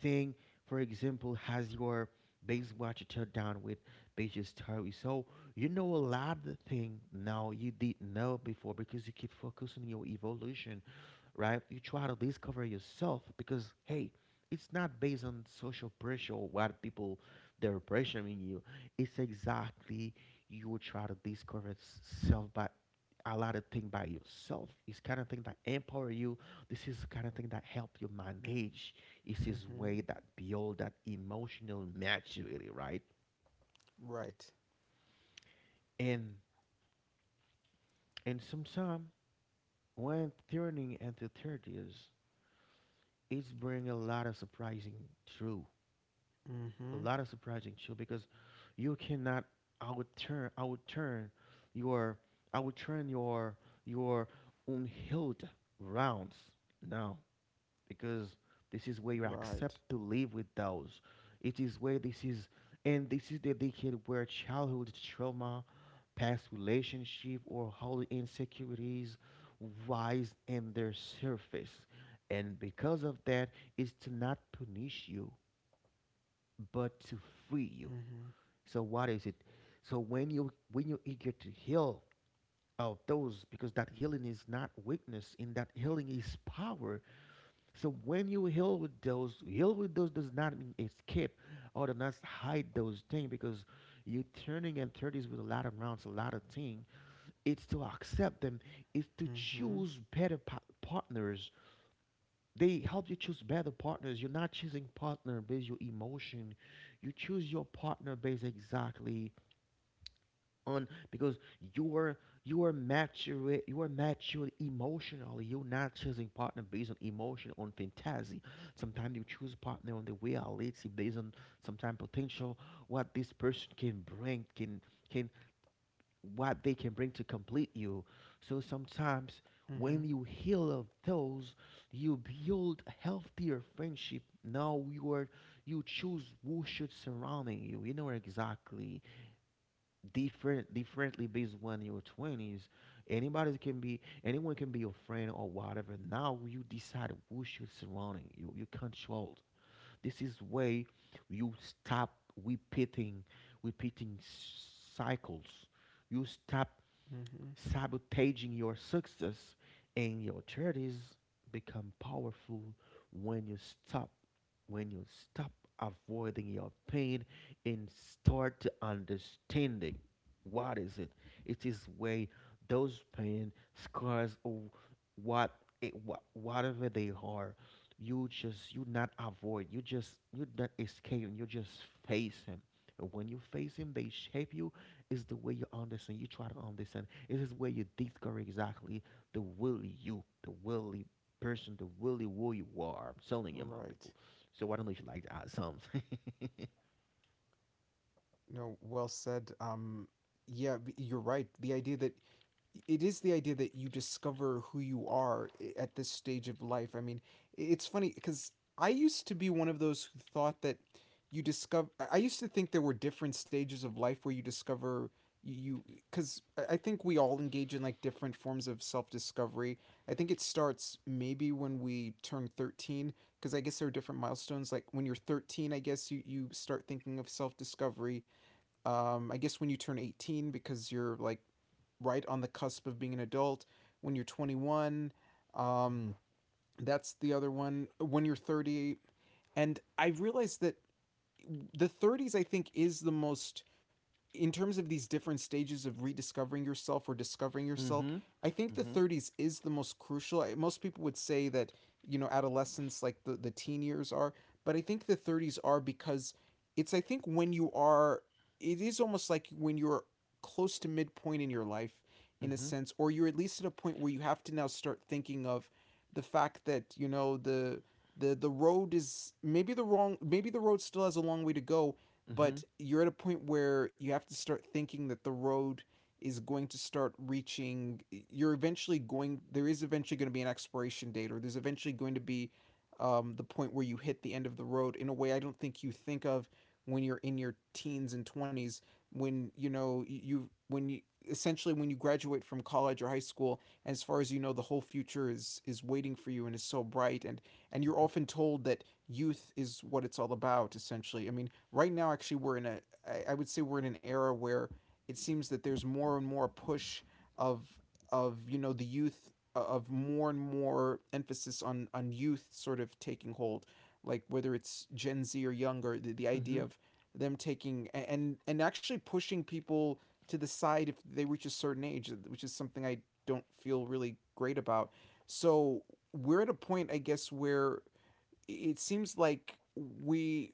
Speaker 1: Thing, for example, has your base what you turn down with base story. So you know a lot of thing now you didn't know before because you keep focusing on your evolution, right? You try to discover yourself because hey, it's not based on social pressure or what people they're pressuring you. It's exactly you will try to discover s- self by a lot of thing by yourself. It's kind of thing that empower you. This is the kind of thing that help you manage. It's this
Speaker 2: mhm.
Speaker 1: way that build that emotional maturity, right?
Speaker 2: Right.
Speaker 1: And and sometimes when turning into thirties, it's bring a lot of surprising truth, a
Speaker 2: Mhm.
Speaker 1: lot of surprising show because you cannot I would turn I would turn your I would turn your your unhealed rounds now because this is where you accept
Speaker 2: Right.
Speaker 1: to live with those. It is where this is, and this is the decade where childhood trauma, past relationship or holy insecurities rise in their surface. And because of that is to not punish you but to free you.
Speaker 2: Mhm,
Speaker 1: So what is it? So when you when you eager to heal of those, because that healing is not weakness, in that healing is power. So when you heal with those, heal with those does not mean escape or do not hide those things because you turning in thirties with a lot of rounds, a lot of things. It's to accept them. It's to
Speaker 2: mhm,
Speaker 1: choose better pa- partners. They help you choose better partners. You're not choosing partner based your emotion. You choose your partner based exactly on because you are you are mature you are mature emotionally. You're not choosing partner based on emotion on fantasy. Sometimes you choose partner on the reality based on sometimes potential, what this person can bring can can what they can bring to complete you. So sometimes when
Speaker 2: mhm,
Speaker 1: you heal of those you build healthier friendship. Now you are you choose who should surrounding you. You know exactly different differently based when you're twenties. Anybody can be anyone can be your friend or whatever. Now you decide who should surrounding you, you control. This is way you stop repeating repeating cycles. You stop
Speaker 2: mhm.
Speaker 1: sabotaging your success and your charities become powerful when you stop when you stop avoiding your pain and start to understanding what is it. It is way those pain scars or what, it, what whatever they are, you just you not avoid, you just you not escape. You just face him. When you face him they shape you. It's the way you understand. You try to understand. It is where you discover exactly the willy you, the willy person, the willy who you are. I'm telling you, my people.
Speaker 2: Right.
Speaker 1: So I don't know if you like to add something.
Speaker 2: No, well said. Um, yeah, b- you're right. The idea that it is the idea that you discover who you are at this stage of life. I mean, it's funny because I used to be one of those who thought that you discover. I used to think there were different stages of life where you discover you, because I think we all engage in like different forms of self discovery. I think it starts maybe when we turn thirteen, because I guess there are different milestones. Like when you're thirteen, I guess you, you start thinking of self discovery. um, I guess when you turn eighteen, because you're like right on the cusp of being an adult. When you're twenty-one, um, that's the other one. When you're thirty, and I realized that the thirties, I think, is the most, in terms of these different stages of rediscovering yourself or discovering yourself,
Speaker 1: Mm-hmm.
Speaker 2: I think the
Speaker 1: Mm-hmm.
Speaker 2: thirties is the most crucial. Most people would say that, you know, adolescence, like the, the teen years are, but I think the thirties are, because it's, I think, when you are, it is almost like when you're close to midpoint in your life, in a
Speaker 1: Mm-hmm.
Speaker 2: sense, or you're at least at a point where you have to now start thinking of the fact that, you know, the, the the road is maybe the wrong, maybe the road still has a long way to go,
Speaker 1: Mm-hmm.
Speaker 2: but you're at a point where you have to start thinking that the road is going to start reaching, you're eventually going, there is eventually going to be an expiration date, or there's eventually going to be, um, the point where you hit the end of the road, in a way I don't think you think of when you're in your teens and twenties, when, you know, you when you essentially, when you graduate from college or high school, as far as you know, the whole future is is waiting for you, and is so bright, and and you're often told that youth is what it's all about, essentially. I mean, right now, actually, we're in a I would say we're in an era where it seems that there's more and more push of of you know, the youth, of more and more emphasis on on youth sort of taking hold, like whether it's Gen Z or younger, the, the
Speaker 1: Mm-hmm.
Speaker 2: idea of them taking and and actually pushing people to the side if they reach a certain age, uh, which is something I don't feel really great about. So we're at a point, I guess, where it seems like we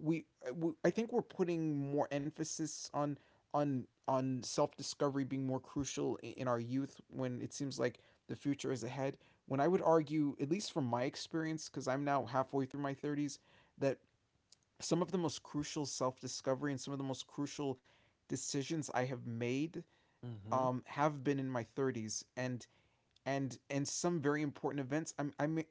Speaker 2: we, we I think we're putting more emphasis on on on self discovery being more crucial in our youth, when it seems like the future is ahead. When I would argue, at least from my experience, because I'm now halfway through my thirties, that some of the most crucial self discovery and some of the most crucial decisions I have made,
Speaker 1: Mm-hmm.
Speaker 2: um, have been in my thirties. And and and some very important events. I'm I'm I-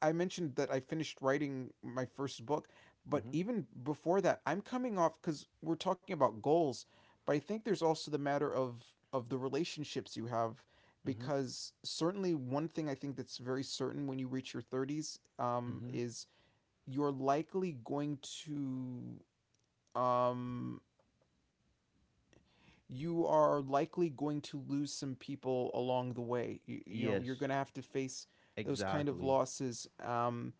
Speaker 2: I mentioned that I finished writing my first book, but
Speaker 1: Mm-hmm.
Speaker 2: even before that, I'm coming off, because we're talking about goals, but I think there's also the matter of of the relationships you have,
Speaker 1: Mm-hmm.
Speaker 2: because certainly one thing I think that's very certain when you reach your thirties, um,
Speaker 1: Mm-hmm.
Speaker 2: is you're likely going to um, you are likely going to lose some people along the way. You, you know,
Speaker 1: Yes.
Speaker 2: you're going to have to face those kind of
Speaker 1: Exactly.
Speaker 2: losses. Um,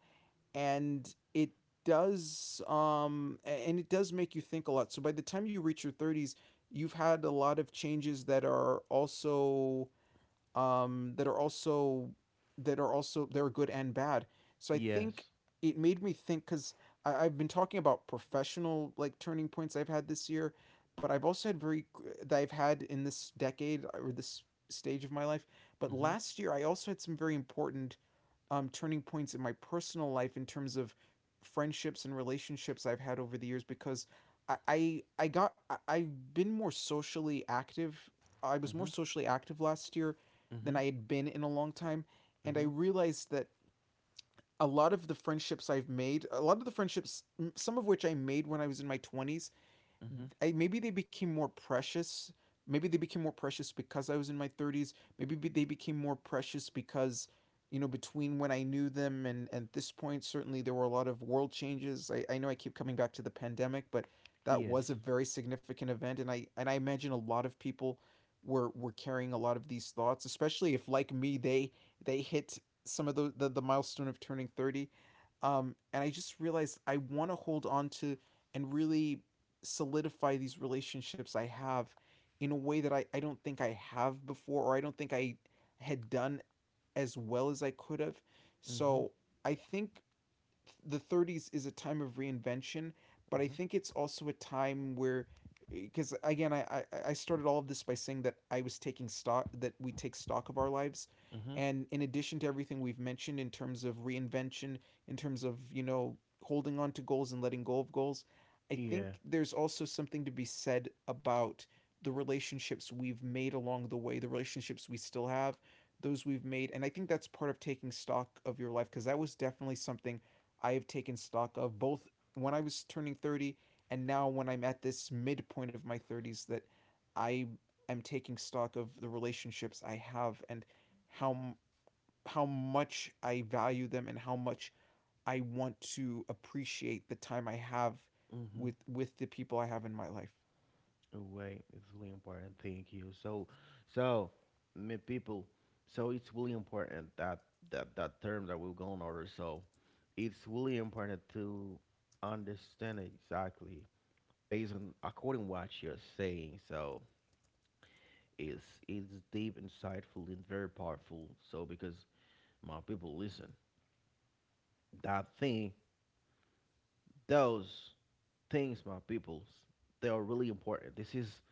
Speaker 2: and it does, um, and it does make you think a lot. So by the time you reach your thirties, you've had a lot of changes that are also, um, that are also that are also, they're good and bad. So I think
Speaker 1: Yes.
Speaker 2: it made me think, because I've been talking about professional like turning points I've had this year, but I've also had very, that I've had in this decade or this stage of my life. But
Speaker 1: Mm-hmm.
Speaker 2: last year I also had some very important, um, turning points in my personal life in terms of friendships and relationships I've had over the years, because I I, I got, I, I've been more socially active. I was more
Speaker 1: Mm-hmm.
Speaker 2: socially active last year than
Speaker 1: Mm-hmm.
Speaker 2: I had been in a long time, and I
Speaker 1: Mm-hmm.
Speaker 2: realized that a lot of the friendships I've made, a lot of the friendships, some of which I made when I was in my twenties,
Speaker 1: Mm-hmm.
Speaker 2: I, maybe they became more precious. Maybe they became more precious because I was in my thirties. Maybe they became more precious because, you know, between when I knew them and at this point, certainly there were a lot of world changes. I, I know I keep coming back to the pandemic, but that was a
Speaker 1: Yes.
Speaker 2: very significant event. And I, and I imagine a lot of people were, were carrying a lot of these thoughts, especially if, like me, they, they hit some of the, the, the milestone of turning thirty. Um, and I just realized I want to hold on to and really solidify these relationships I have in a way that I, I don't think I have before, or I don't think I had done as well as I could have.
Speaker 1: Mm-hmm.
Speaker 2: So I think the thirties is a time of reinvention, but I
Speaker 1: Mm-hmm.
Speaker 2: think it's also a time where, because again, I, I i started all of this by saying that I was taking stock, that we take stock of our lives,
Speaker 1: Mm-hmm.
Speaker 2: and in addition to everything we've mentioned in terms of reinvention, in terms of, you know, holding on to goals and letting go of goals, I
Speaker 1: Yeah.
Speaker 2: think there's also something to be said about the relationships we've made along the way, the relationships we still have, those we've made. And I think that's part of taking stock of your life, because that was definitely something I have taken stock of both when I was turning thirty and now when I'm at this midpoint of my thirties, that I am taking stock of the relationships I have and how how much I value them, and how much I want to appreciate the time I have with
Speaker 1: Mm-hmm.
Speaker 2: with the people I have in my life.
Speaker 1: Right, it's really important. Thank you. So, so my people, so it's really important that that that term that we're going over. So, it's really important to understand it exactly based on according what you're saying. So, it's it's deep, insightful, and very powerful. So, because my people, listen, that thing, those things, my peoples, they are really important. This is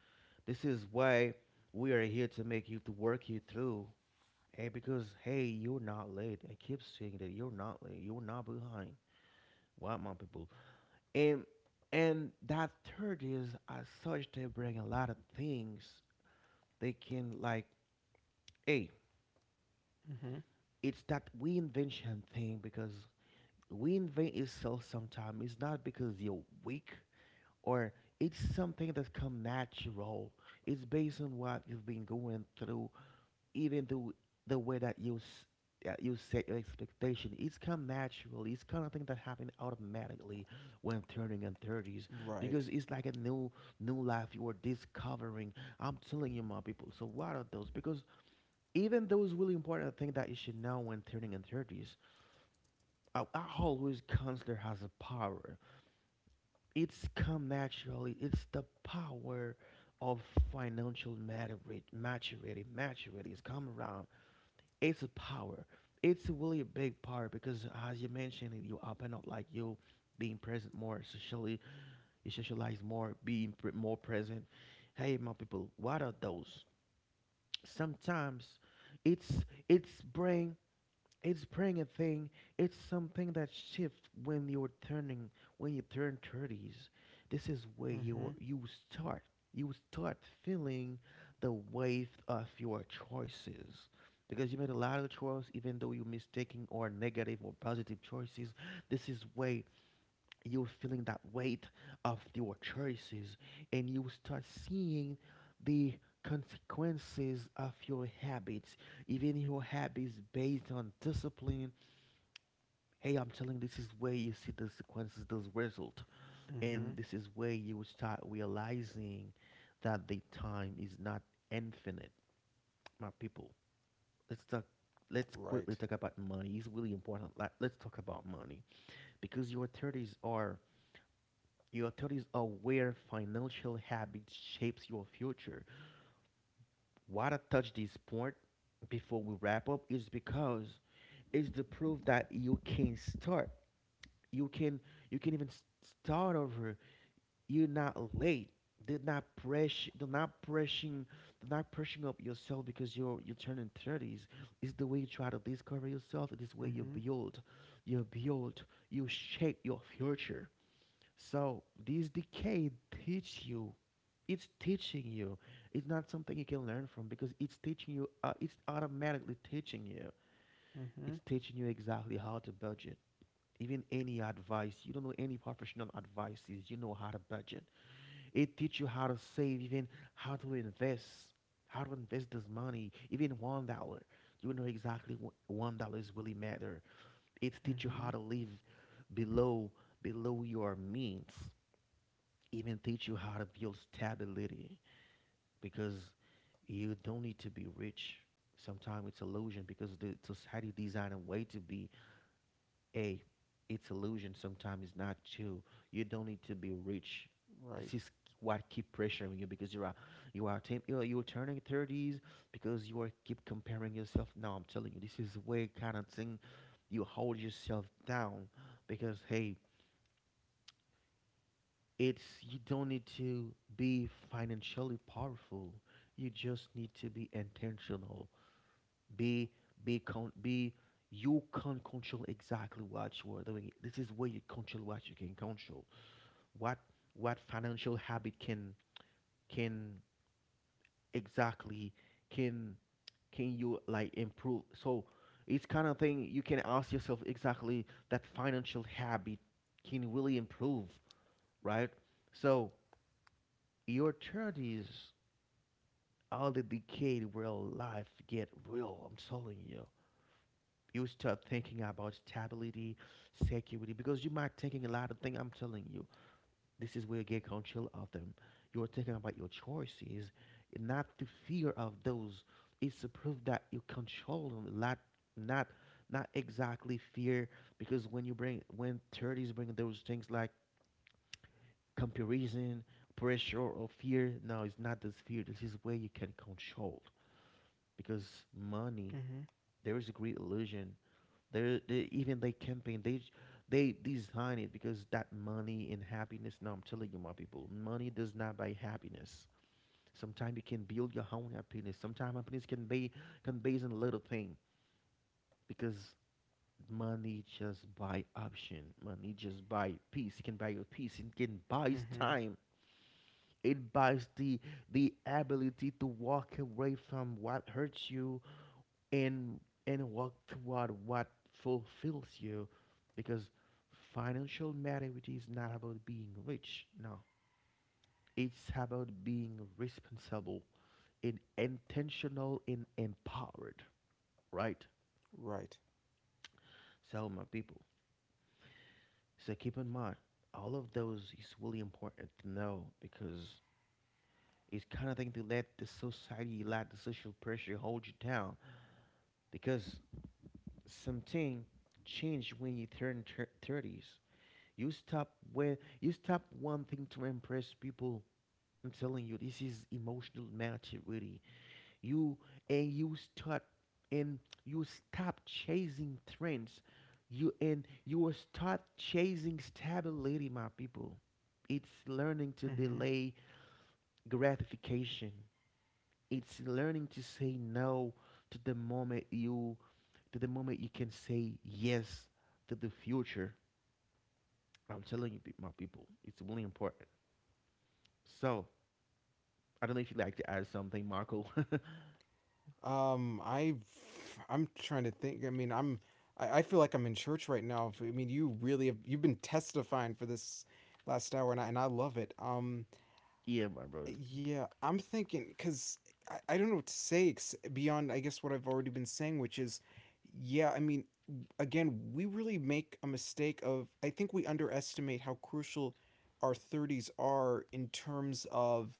Speaker 1: This is why we are here to make you to work you through. Hey, because hey, you're not late. I keep saying that you're not late. You're not behind. What my people? And and that third is as such they bring a lot of things. They can like, hey,
Speaker 2: Mm-hmm.
Speaker 1: it's that we invention thing because we invent itself sometimes. It's not because you're weak or it's something that come natural. It's based on what you've been going through, even the the way that you s- uh, you set your expectation. It's come natural, it's kind of thing that happened automatically when turning in thirties,
Speaker 2: Right.
Speaker 1: because it's like a new new life you are discovering. I'm telling you, my people. So what are those? Because even those really important things that you should know when turning in thirties, uh, I always consider has a power. It's come naturally. It's the power of financial maturity. Maturity maturity is come around. It's a power. It's really a big power because, as you mentioned, you open up like you being present more socially, you socialize more, being pre- more present. Hey, my people, what are those? Sometimes it's it's brain. It's praying a thing. It's something that shifts when you're turning, when you turn thirties. This is where
Speaker 2: Mm-hmm.
Speaker 1: you you start. You start feeling the weight of your choices because you made a lot of choice, even though you're mistaking or negative or positive choices. This is where you're feeling that weight of your choices, and you start seeing the consequences of your habits, even your habits based on discipline. Hey, I'm telling you, this is where you see the consequences those result, and
Speaker 2: Mm-hmm.
Speaker 1: this is where you will start realizing that the time is not infinite, my people. let's talk let's quickly
Speaker 2: Right.
Speaker 1: talk about money, it's really important. Like, let's talk about money because your thirties are, your thirties are where financial habits shapes your future. Why I touch this point before we wrap up is because it's the proof that you can start. You can you can even s- start over. You're not late. They're not press they're not pressing they're not pressing up yourself because you're you're turning thirties. It's the way you try to discover yourself, it is way you
Speaker 2: Mm-hmm.
Speaker 1: build, you build, you shape your future. So this decay teach you. It's teaching you. It's not something you can learn from because it's teaching you. Uh, it's automatically teaching you. It's
Speaker 2: Mm-hmm.
Speaker 1: teaching you exactly how to budget. Even any advice, you don't know any professional advices. You know how to budget. It teaches you how to save, even how to invest, how to invest this money, even one dollar. You know exactly what one dollar is really matter. It teaches you how
Speaker 2: Mm-hmm.
Speaker 1: to live below below your means, even teach you how to build stability, because you don't need to be rich. Sometimes it's illusion because the society designed a way to be a. It's illusion. Sometimes it's not true. You don't need to be rich. This
Speaker 2: Right.
Speaker 1: is what keep pressuring you because you are you are tem- you are- you are turning thirties because you are keep comparing yourself. Now I'm telling you, this is the way kind of thing you hold yourself down because hey, it's you don't need to be financially powerful, you just need to be intentional. Be be con be You can't control exactly what you are doing. This is where you control what you can control. What what financial habit can can exactly can can you like improve? So it's kind of thing you can ask yourself exactly that financial habit can really improve, right? So your thirties, all the decayed real life get real. I'm telling you. You start thinking about stability, security, because you might thinking a lot of things. I'm telling you, this is where you get control of them. You're thinking about your choices, not the fear of those. It's a proof that you control them, not not not exactly fear. Because when you bring when thirties bring those things like comparison, pressure, or fear, no, it's not this fear. This is where you can control because money
Speaker 2: Mm-hmm.
Speaker 1: there is a great illusion, there they, even they campaign they j- they design it because that money and happiness. No, I'm telling you, my people, money does not buy happiness. Sometimes you can build your own happiness. Sometimes happiness can be can based on little thing because money just buy option, money just buy peace, it can buy your peace, it can buys
Speaker 2: Mm-hmm.
Speaker 1: time, it buys the the ability to walk away from what hurts you, and and work toward what fulfills you, because financial maturity is not about being rich, no, it's about being responsible and intentional and empowered, right?
Speaker 2: Right.
Speaker 1: So my people, so keep in mind, all of those is really important to know because it's kind of thing to let the society let the social pressure hold you down because something change when you turn thir- thirties. You stop where you stop one thing to impress people. I'm telling you, this is emotional maturity. You and you start, and you stop chasing trends. You and you will start chasing stability, my people. It's learning to
Speaker 2: Mm-hmm.
Speaker 1: delay gratification. It's learning to say no to the moment you to the moment you can say yes to the future. I'm telling you, pe- my people, it's really important. So I don't know if you'd like to add something, Marco.
Speaker 2: Um, I, I'm trying to think. I mean, I'm, I, I feel like I'm in church right now. I mean, you really have, you've been testifying for this last hour, and I, and I love it. Um,
Speaker 1: Yeah, my brother.
Speaker 2: yeah, I'm thinking because I, I don't know what to say ex- beyond, I guess, what I've already been saying, which is, yeah, I mean, again, we really make a mistake of, I think we underestimate how crucial our thirties are in terms of,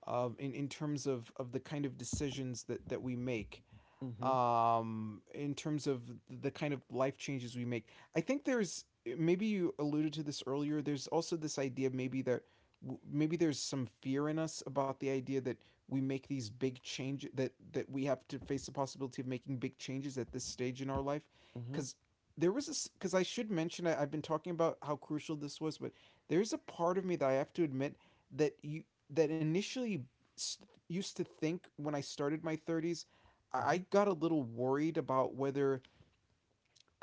Speaker 2: um, in, in terms of, of the kind of decisions that, that we make.
Speaker 1: Mm-hmm.
Speaker 2: Um, in terms of the kind of life changes we make. I think there's, maybe you alluded to this earlier, there's also this idea maybe that w- maybe there's some fear in us about the idea that we make these big changes that that we have to face the possibility of making big changes at this stage in our life
Speaker 1: Mm-hmm.
Speaker 2: because there was this, because I should mention, I, I've been talking about how crucial this was, but there's a part of me that I have to admit that you that initially s- used to think when I started my thirties, I
Speaker 1: Mm-hmm.
Speaker 2: got a little worried about whether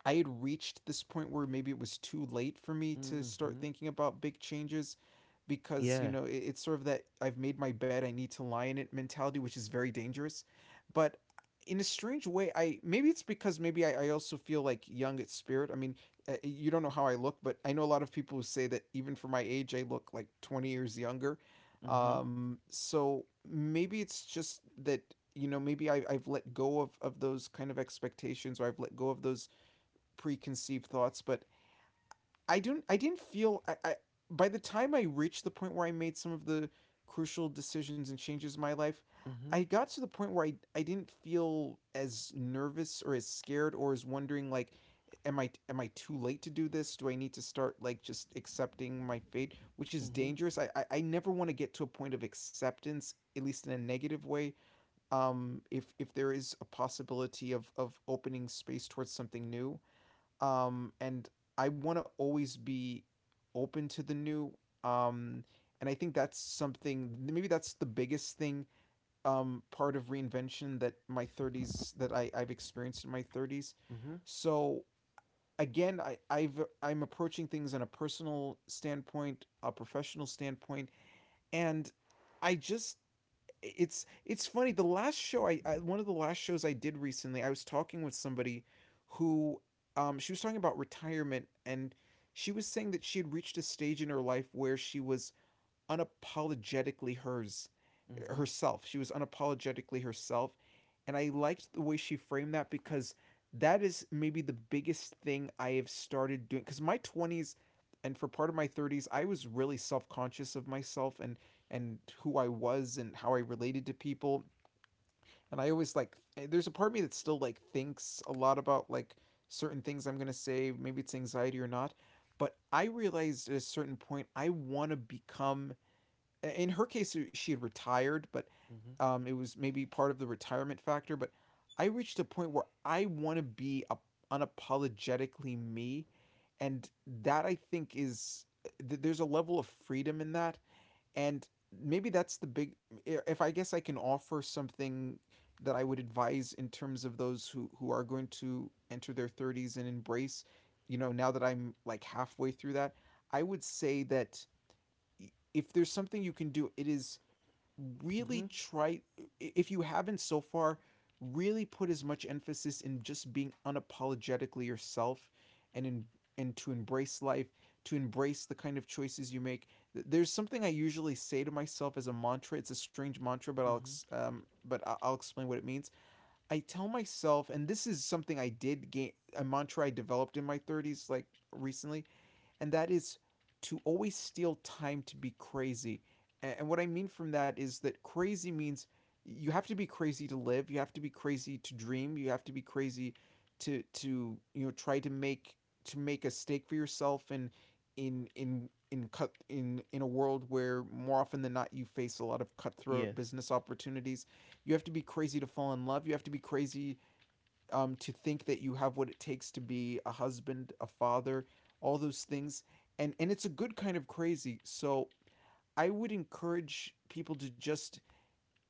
Speaker 2: I had reached this point where maybe it was too late for me to
Speaker 1: Mm-hmm.
Speaker 2: start thinking about big changes because, you
Speaker 1: Yeah.
Speaker 2: know, it, it's sort of that I've made my bed, I need to lie in it mentality, which is very dangerous. But in a strange way, I, maybe it's because maybe I, I also feel like young at spirit. I mean, uh, you don't know how I look, but I know a lot of people who say that even for my age, I look like twenty years younger.
Speaker 1: Mm-hmm.
Speaker 2: Um, so maybe it's just that, you know, maybe I, I've let go of, of those kind of expectations, or I've let go of those preconceived thoughts. But I don't. I didn't feel. I, I, by the time I reached the point where I made some of the crucial decisions and changes in my life, I
Speaker 1: Mm-hmm.
Speaker 2: got to the point where I I didn't feel as nervous or as scared or as wondering, like, am I am I too late to do this? Do I need to start, like, just accepting my fate, which is
Speaker 1: Mm-hmm.
Speaker 2: dangerous. I I, I never want to get to a point of acceptance, at least in a negative way. Um, if if there is a possibility of of opening space towards something new, um, and I want to always be open to the new. Um, and I think that's something. Maybe that's the biggest thing. Um, part of reinvention that my thirties that I I've experienced in my thirties.
Speaker 1: Mm-hmm.
Speaker 2: So again, I I've I'm approaching things on a personal standpoint, a professional standpoint, and I just, it's it's funny, the last show, I, I, one of the last shows I did recently, I was talking with somebody who, um, she was talking about retirement, and she was saying that she had reached a stage in her life where she was unapologetically hers
Speaker 1: Mm-hmm.
Speaker 2: herself. She was unapologetically herself. And I liked the way she framed that because that is maybe the biggest thing I have started doing. Because my twenties and for part of my thirties, I was really self conscious of myself and, and who I was and how I related to people. And I always like, eh, there's a part of me that still, like, thinks a lot about, like, certain things I'm going to say. Maybe it's anxiety or not. But I realized at a certain point, I want to become, in her case she had retired, but
Speaker 1: Mm-hmm.
Speaker 2: um, it was maybe part of the retirement factor, but I reached a point where I want to be, a, unapologetically me. And that, I think, is, th- there's a level of freedom in that. And maybe that's the big, if I guess I can offer something that I would advise, in terms of those who who are going to enter their thirties and embrace, you know, now that I'm, like, halfway through that, I would say that if there's something you can do, it is really
Speaker 1: Mm-hmm.
Speaker 2: try. If you haven't so far, really put as much emphasis in just being unapologetically yourself, and in, and to embrace life, to embrace the kind of choices you make. There's something I usually say to myself as a mantra. It's a strange mantra, but I'll
Speaker 1: Mm-hmm.
Speaker 2: um, but I'll explain what it means. I tell myself, and this is something I did gain a mantra I developed in my thirties, like recently, and that is to always steal time to be crazy. And what I mean from that is that crazy means you have to be crazy to live, you have to be crazy to dream, you have to be crazy to to you know try to make to make a stake for yourself in, in in in cut in in a world where more often than not you face a lot of cutthroat
Speaker 1: Yes.
Speaker 2: business opportunities. You have to be crazy to fall in love, you have to be crazy, um, to think that you have what it takes to be a husband, a father, all those things. And, and it's a good kind of crazy. So I would encourage people to just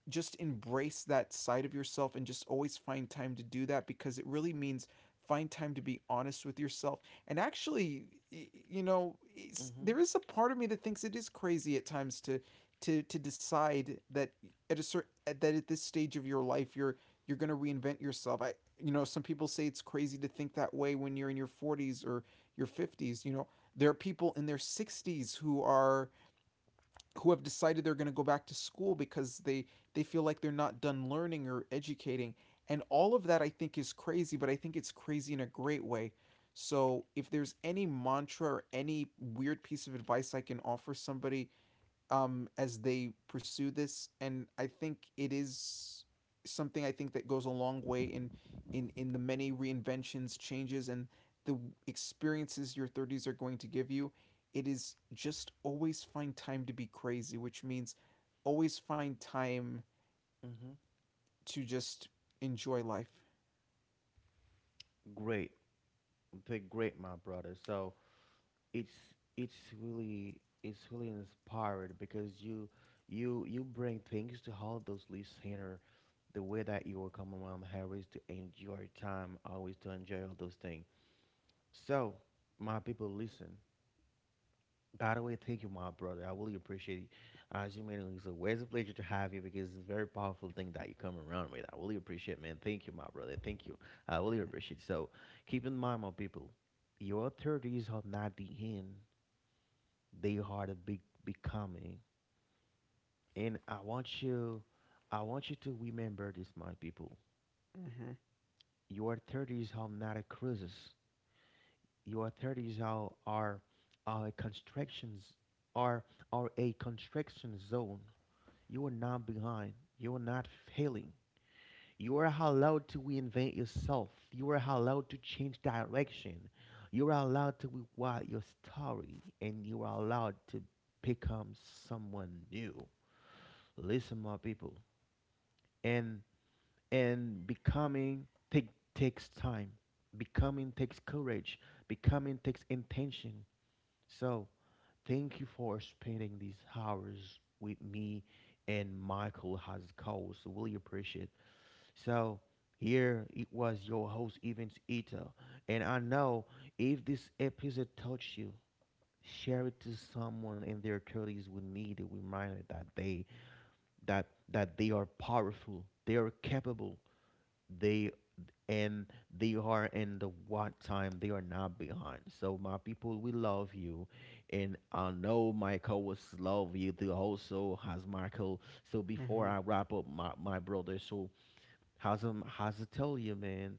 Speaker 2: just embrace that side of yourself and just always find time to do that, because it really means find time to be honest with yourself, and actually, you know,
Speaker 1: Mm-hmm.
Speaker 2: there is a part of me that thinks it is crazy at times to to to decide that at a certain that at this stage of your life you're you're going to reinvent yourself. I, you know, some people say it's crazy to think that way when you're in your forties or your fifties. You know, there are people in their sixties who are, who have decided they're going to go back to school because they they feel like they're not done learning or educating, and all of that I think is crazy, but I think it's crazy in a great way. So if there's any mantra or any weird piece of advice I can offer somebody, um, as they pursue this, and I think it is something I think that goes a long way in, in in the many reinventions, changes, and the experiences your thirties are going to give you. It is just, always find time to be crazy, which means always find time
Speaker 1: Mm-hmm.
Speaker 2: to just enjoy life.
Speaker 1: Great. They're great, my brother. So it's it's really it's really inspired because you you you bring things to all those listeners, the way that you will come around Harris to enjoy time, always to enjoy all those things. So, my people, listen. By the way, thank you, my brother. I really appreciate it. As you mentioned, it's always a pleasure to have you because it's a very powerful thing that you come around with. I really appreciate, man. Thank you, my brother. Thank you. I really
Speaker 2: Mm-hmm.
Speaker 1: appreciate. So, keep in mind, my people, your thirties are not the end; they are the big becoming. And I want you, I want you to remember this, my people.
Speaker 2: Mm-hmm.
Speaker 1: Your thirties are not a crisis; your thirties are are, are a constrictions, are are a constriction zone. You are not behind. You are not failing. You are allowed to reinvent yourself. You are allowed to change direction. You are allowed to rewrite your story, and you are allowed to become someone new. Listen, my people, and and becoming take, takes time. Becoming takes courage. Becoming takes intention. So thank you for spending these hours with me and Michael has called. So really appreciate. So here it was your host Evans Ito, and I know if this episode touched you, share it to someone in their thirties who need a reminder that they that that they are powerful, they are capable, they and they are in the what time they are not behind. So my people, we love you, and I know Michael was love you too also has Michael. So
Speaker 2: Mm-hmm.
Speaker 1: before I wrap up my, my brother, so has um has to tell you man,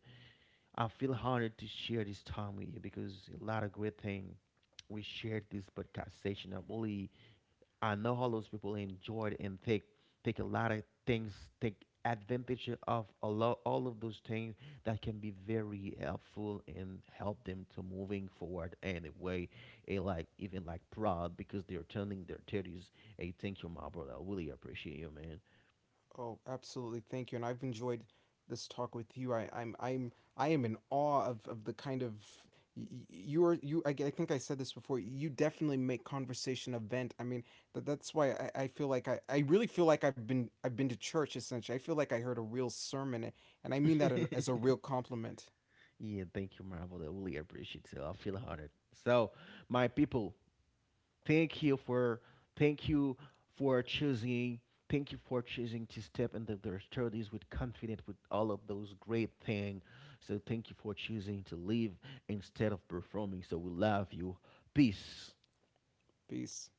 Speaker 1: I feel honored to share this time with you because a lot of great thing we shared this podcast session. I'm really I know how those people enjoyed and take take a lot of things, take advantage of a lot, all of those things that can be very helpful and help them to moving forward in a way, a like even like proud because they're turning their thirties. Hey, thank you, my brother. I really appreciate you, man.
Speaker 2: Oh, absolutely. Thank you. And I've enjoyed this talk with you. I, I'm I'm I am in awe of, of the kind of, y- y- you are you I, g- I think I said this before. You definitely make conversation event. I mean, that that's why I, I feel like I, I really feel like I've been I've been to church, essentially. I feel like I heard a real sermon, and I mean that, in, as a real compliment.
Speaker 1: Yeah, thank you, my brother. I really appreciate it. I feel honored. So, my people. Thank you for thank you for choosing thank you for choosing to step into their thirties with confidence with all of those great things. So thank you for choosing to live instead of performing. So we love you. Peace.
Speaker 2: Peace.